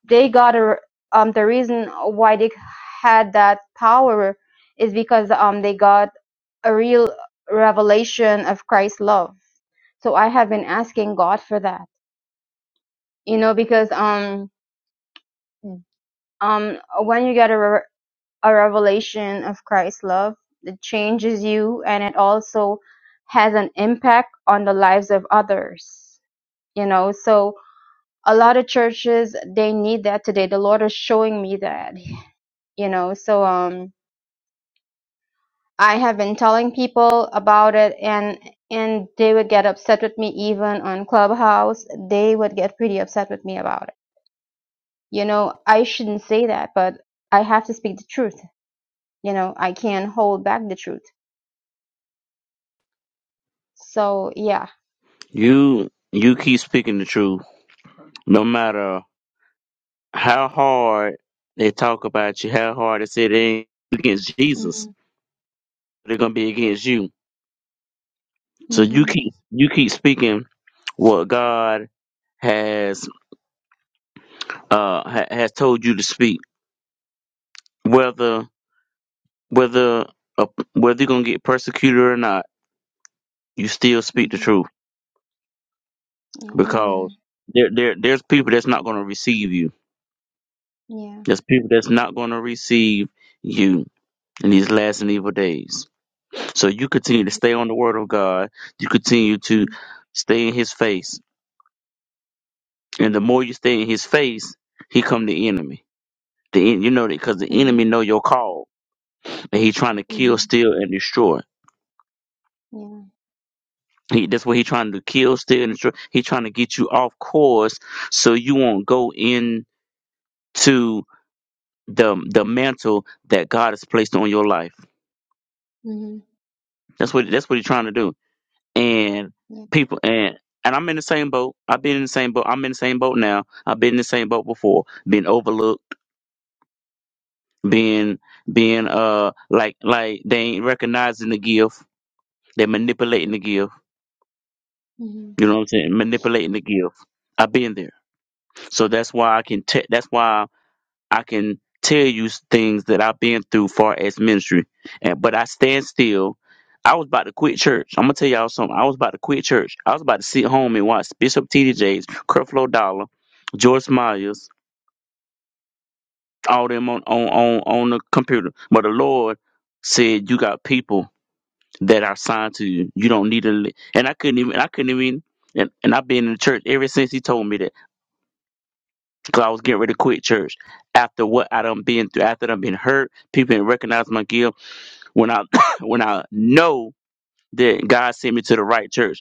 S3: They got a, um, the reason why they had that power is because um, they got a real revelation of Christ's love. So I have been asking God for that, you know, because um, um, when you get a, re- a revelation of Christ's love, it changes you and it also has an impact on the lives of others, you know. So a lot of churches, they need that today. The Lord is showing me that. you know so um i have been telling people about it and and they would get upset with me even on clubhouse they would get pretty upset with me about it you know i shouldn't say that but i have to speak the truth you know i can't hold back the truth so yeah
S4: You you keep speaking the truth, no matter how hard they talk about you, how hard they say they ain't against Jesus,
S3: mhm
S4: they're gonna be against you. So you
S3: mhm
S4: keep you keep speaking what God has uh, ha- has told you to speak, whether whether uh, whether you're gonna get persecuted or not, you still speak the
S3: mhm
S4: truth
S3: yeah
S4: because
S3: amen
S4: there there there's people that's not gonna receive you.
S3: yeah
S4: There's people that's not gonna receive you in these last and evil days. So you continue to
S3: mhm
S4: stay on the word of God. You continue to stay in His face, and the more you stay in His face, He come the enemy. The en- you know that because the enemy
S3: mhm
S4: know your call, and he trying to kill,
S3: mhm
S4: steal, and destroy.
S3: yeah
S4: He, that's what he's trying to kill, steal, and destroy. He's trying to get you off course so you won't go into the the mantle that God has placed on your life.
S3: mhm
S4: That's what that's what he's trying to do. And
S3: yeah
S4: people and and I'm in the same boat. I've been in the same boat. I'm in the same boat now. I've been in the same boat before, being overlooked, being being uh like like they ain't recognizing the gift. They're manipulating the gift.
S3: mhm
S4: You know what I'm saying? Manipulating the gift. I've been there. So that's why I can. Te- that's why. I can tell you things that I've been through far as ministry. And but I stand still. I was about to quit church. I'm gonna tell y'all something. I was about to quit church. I was about to sit home and watch Bishop T D Jakes, Creflo Dollar, George Myers, all them on on on on the computer. But the Lord said, "You got people that are signed to you. You don't need to." li-" And I couldn't even. I couldn't even. And, and I've been in church ever since he told me that because I was getting ready to quit church after what I done been through, after I done been hurt, people didn't recognize my gifts when I when I know that God sent me to the right church.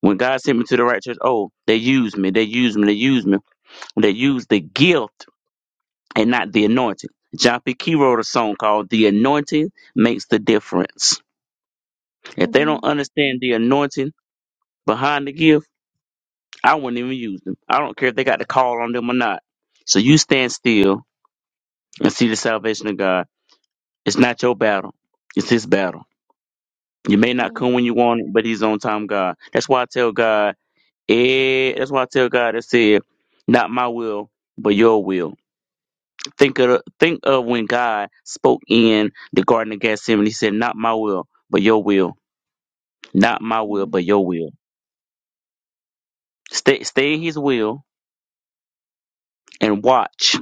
S4: When God sent me to the right church, oh, they used me, they used me, they used me. They used the gift and not the anointing. John P. Key wrote a song called The Anointing Makes the Difference. If they don't
S3: mhm
S4: understand the anointing behind the gift, I wouldn't even use them. I don't care if they got the call on them or not. So you stand still and see the salvation of God. It's not your battle, it's his battle. You may not
S3: yeah
S4: come when you want it, but he's on time, God. That's why I tell God. Eh, that's why I tell God, I said, not my will, but your will. Think of think of when God spoke in the Garden of Gethsemane. He said, not my will, but your will. Not my will,
S3: mhm
S4: but your will. Stay stay in His will and watch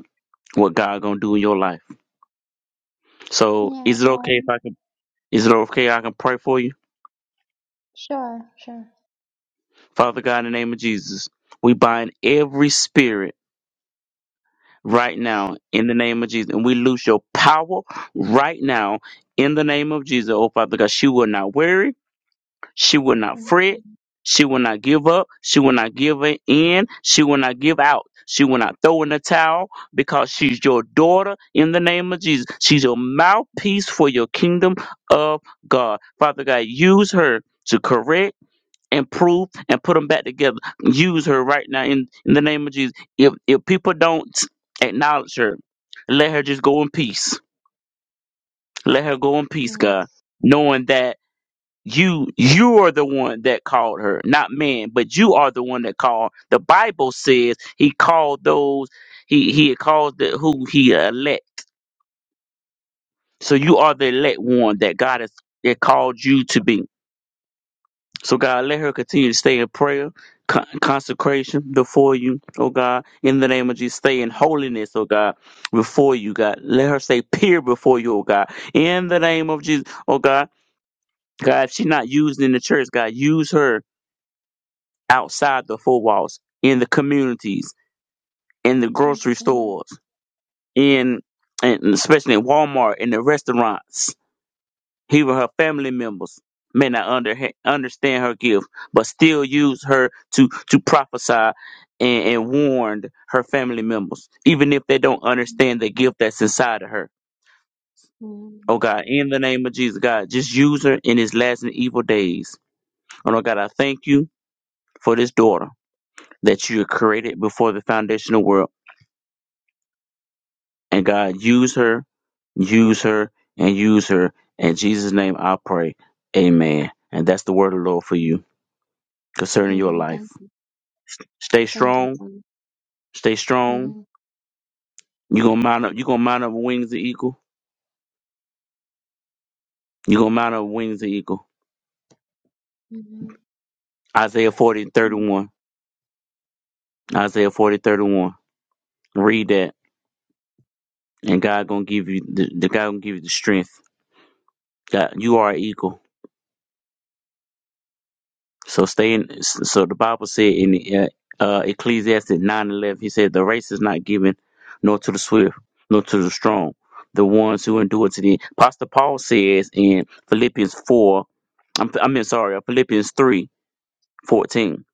S4: what God gonna do in your life. So,
S3: yeah
S4: is it
S3: uh,
S4: okay if I can? Is it okay I can pray for you,
S3: sure sure
S4: Father God, in the name of Jesus? We bind every spirit. right now in the name of Jesus. And we lose your power right now in the name of Jesus, oh Father God. She will not worry. She will not
S3: Mm-hmm.
S4: fret. She will not give up. She will not give in. She will not give out. She will not throw in the towel because she's your daughter in the name of Jesus. She's your mouthpiece for your kingdom of God. Father God, use her to correct improve and put them back together. Use her right now in, in the name of Jesus. If if people don't acknowledge her, let her just go in peace. Let her go in peace,
S3: yeah. Yes.
S4: God, knowing that you you are the one that called her, not man, but you are the one that called. The Bible says He called those He He called the, who He elect. So you are the elect one that God has it called you to be. So God, let her continue to stay in prayer, con- consecration before you, oh God, in the name of Jesus. Stay in holiness, oh God, before you, God. Let her stay pure before you, oh God, in the name of Jesus, oh God. God, if she's not used in the church, God, use her outside the four walls, in the communities, in the
S3: Yes,
S4: grocery
S3: Lord.
S4: stores, in and especially in Walmart, in the restaurants Even her family members may not under, understand her gift, but still use her to, to prophesy and, and warn her family members, even if they don't understand the gift that's inside of her. Oh
S3: Amen.
S4: God, in the name of Jesus, God, just use her in these last and evil days. Oh Lord God, I thank you for this daughter that you created before the foundation of the world. And God, use her, use her, and use her. In Jesus' name I pray. Amen. And that's the word of the Lord for you. concerning your
S3: Amen.
S4: life.
S3: Thank you.
S4: Stay
S3: Thank you
S4: strong.
S3: so much.
S4: Stay strong.
S3: Mhm.
S4: You're gonna mount up. You're gonna mount up wings of eagle. You're gonna mount up wings of eagle.
S3: Mhm.
S4: Isaiah 40 and 31. Isaiah 40 31. Read that. And God gonna give you the, the God gonna give you the strength. God, you are an eagle. So stay in. So the Bible said in uh, uh, Ecclesiastes nine eleven, he said, "The race is not given, nor to the swift, nor to the strong, the ones who endure to the end." Pastor Paul says in Philippians four, I'm, I mean, sorry, uh, Philippians 3 14,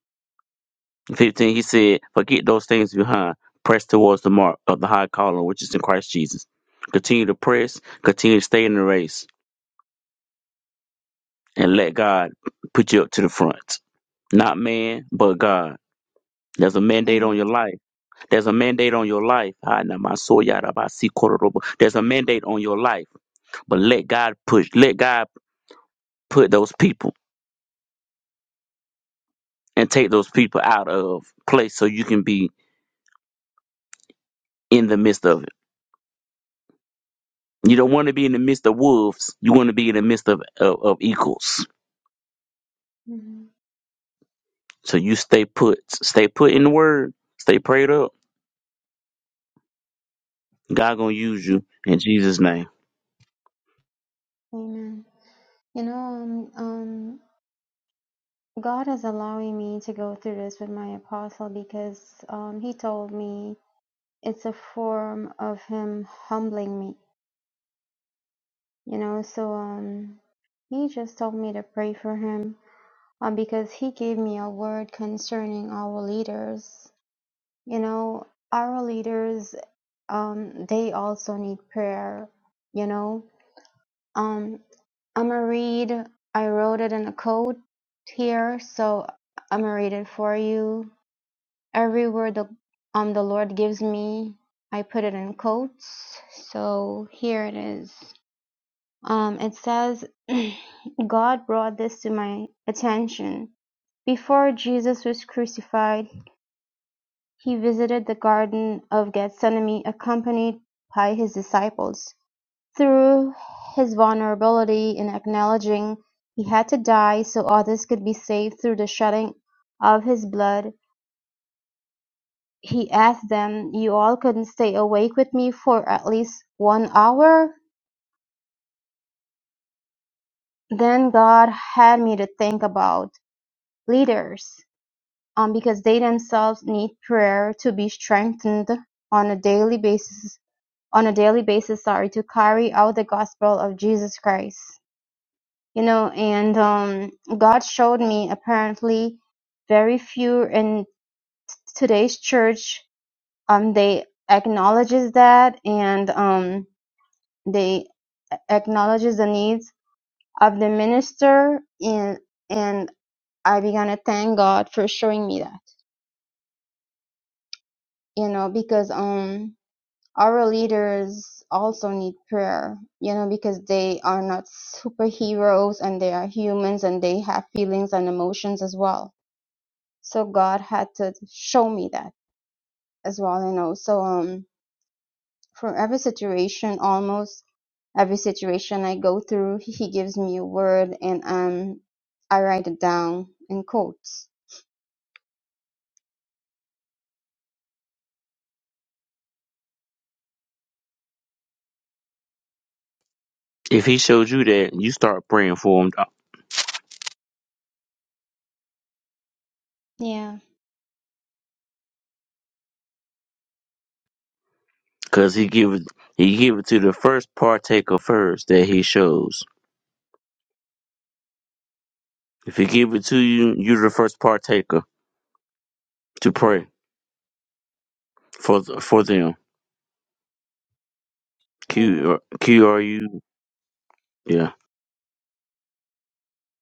S4: 15. he said, "Forget those things behind, press towards the mark of the high calling which is in Christ Jesus. Continue to press, continue to stay in the race, and let God put you up to the front. Not man, but God. There's a mandate on your
S3: Amen.
S4: life There's a mandate on your life. Ah, nah, my soul, yada, ba, si, koro, There's a mandate on your life, but let God push, let God put those people and take those people out of place so you can be in the midst of it. You don't want to be in the midst of wolves. You want to be in the midst of, of, of equals.
S3: Mhm.
S4: So you stay put, stay put in the word, stay prayed up. God gonna use
S3: Yes,
S4: you in Jesus' name.
S3: Amen. You know, um, um, God is allowing me to go through this with my apostle because um, he told me it's a form of him humbling me. You know, so um, he just told me to pray for him um, because he gave me a word concerning our leaders. You know, our leaders um, they also need prayer, you know. Um, I'm gonna read, I wrote it in a code here, so I'm gonna read it for you. Every word the, um, the Lord gives me, I put it in quotes. So here it is. Um, it says, God brought this to my attention. Before Jesus was crucified, he visited the Garden of Gethsemane accompanied by his disciples. Through his vulnerability in acknowledging he had to die so others could be saved through the shedding of his blood, he asked them, You all couldn't stay awake with me for at least one hour? Then God had me to think about leaders, um, because they themselves need prayer to be strengthened on a daily basis on a daily basis, sorry, to carry out the gospel of Jesus Christ. you know and um god showed me apparently very few in today's church um they acknowledges that and um they a- acknowledges the needs of the minister and and i began to thank god for showing me that you know because um our leaders also need prayer you know because they are not superheroes and they are humans and they have feelings and emotions as well So God had to show me that as well, you know. So um from every situation, almost every situation I go through, he gives me a word and um I write it down in quotes.
S4: If He shows you that, you start praying for Him
S3: Yeah.
S4: Cause he give it he give it to the first partaker first that he shows. If he give it to you, you're the first partaker to pray for th- for them.
S3: I
S4: Q uh, Q R U. Yeah.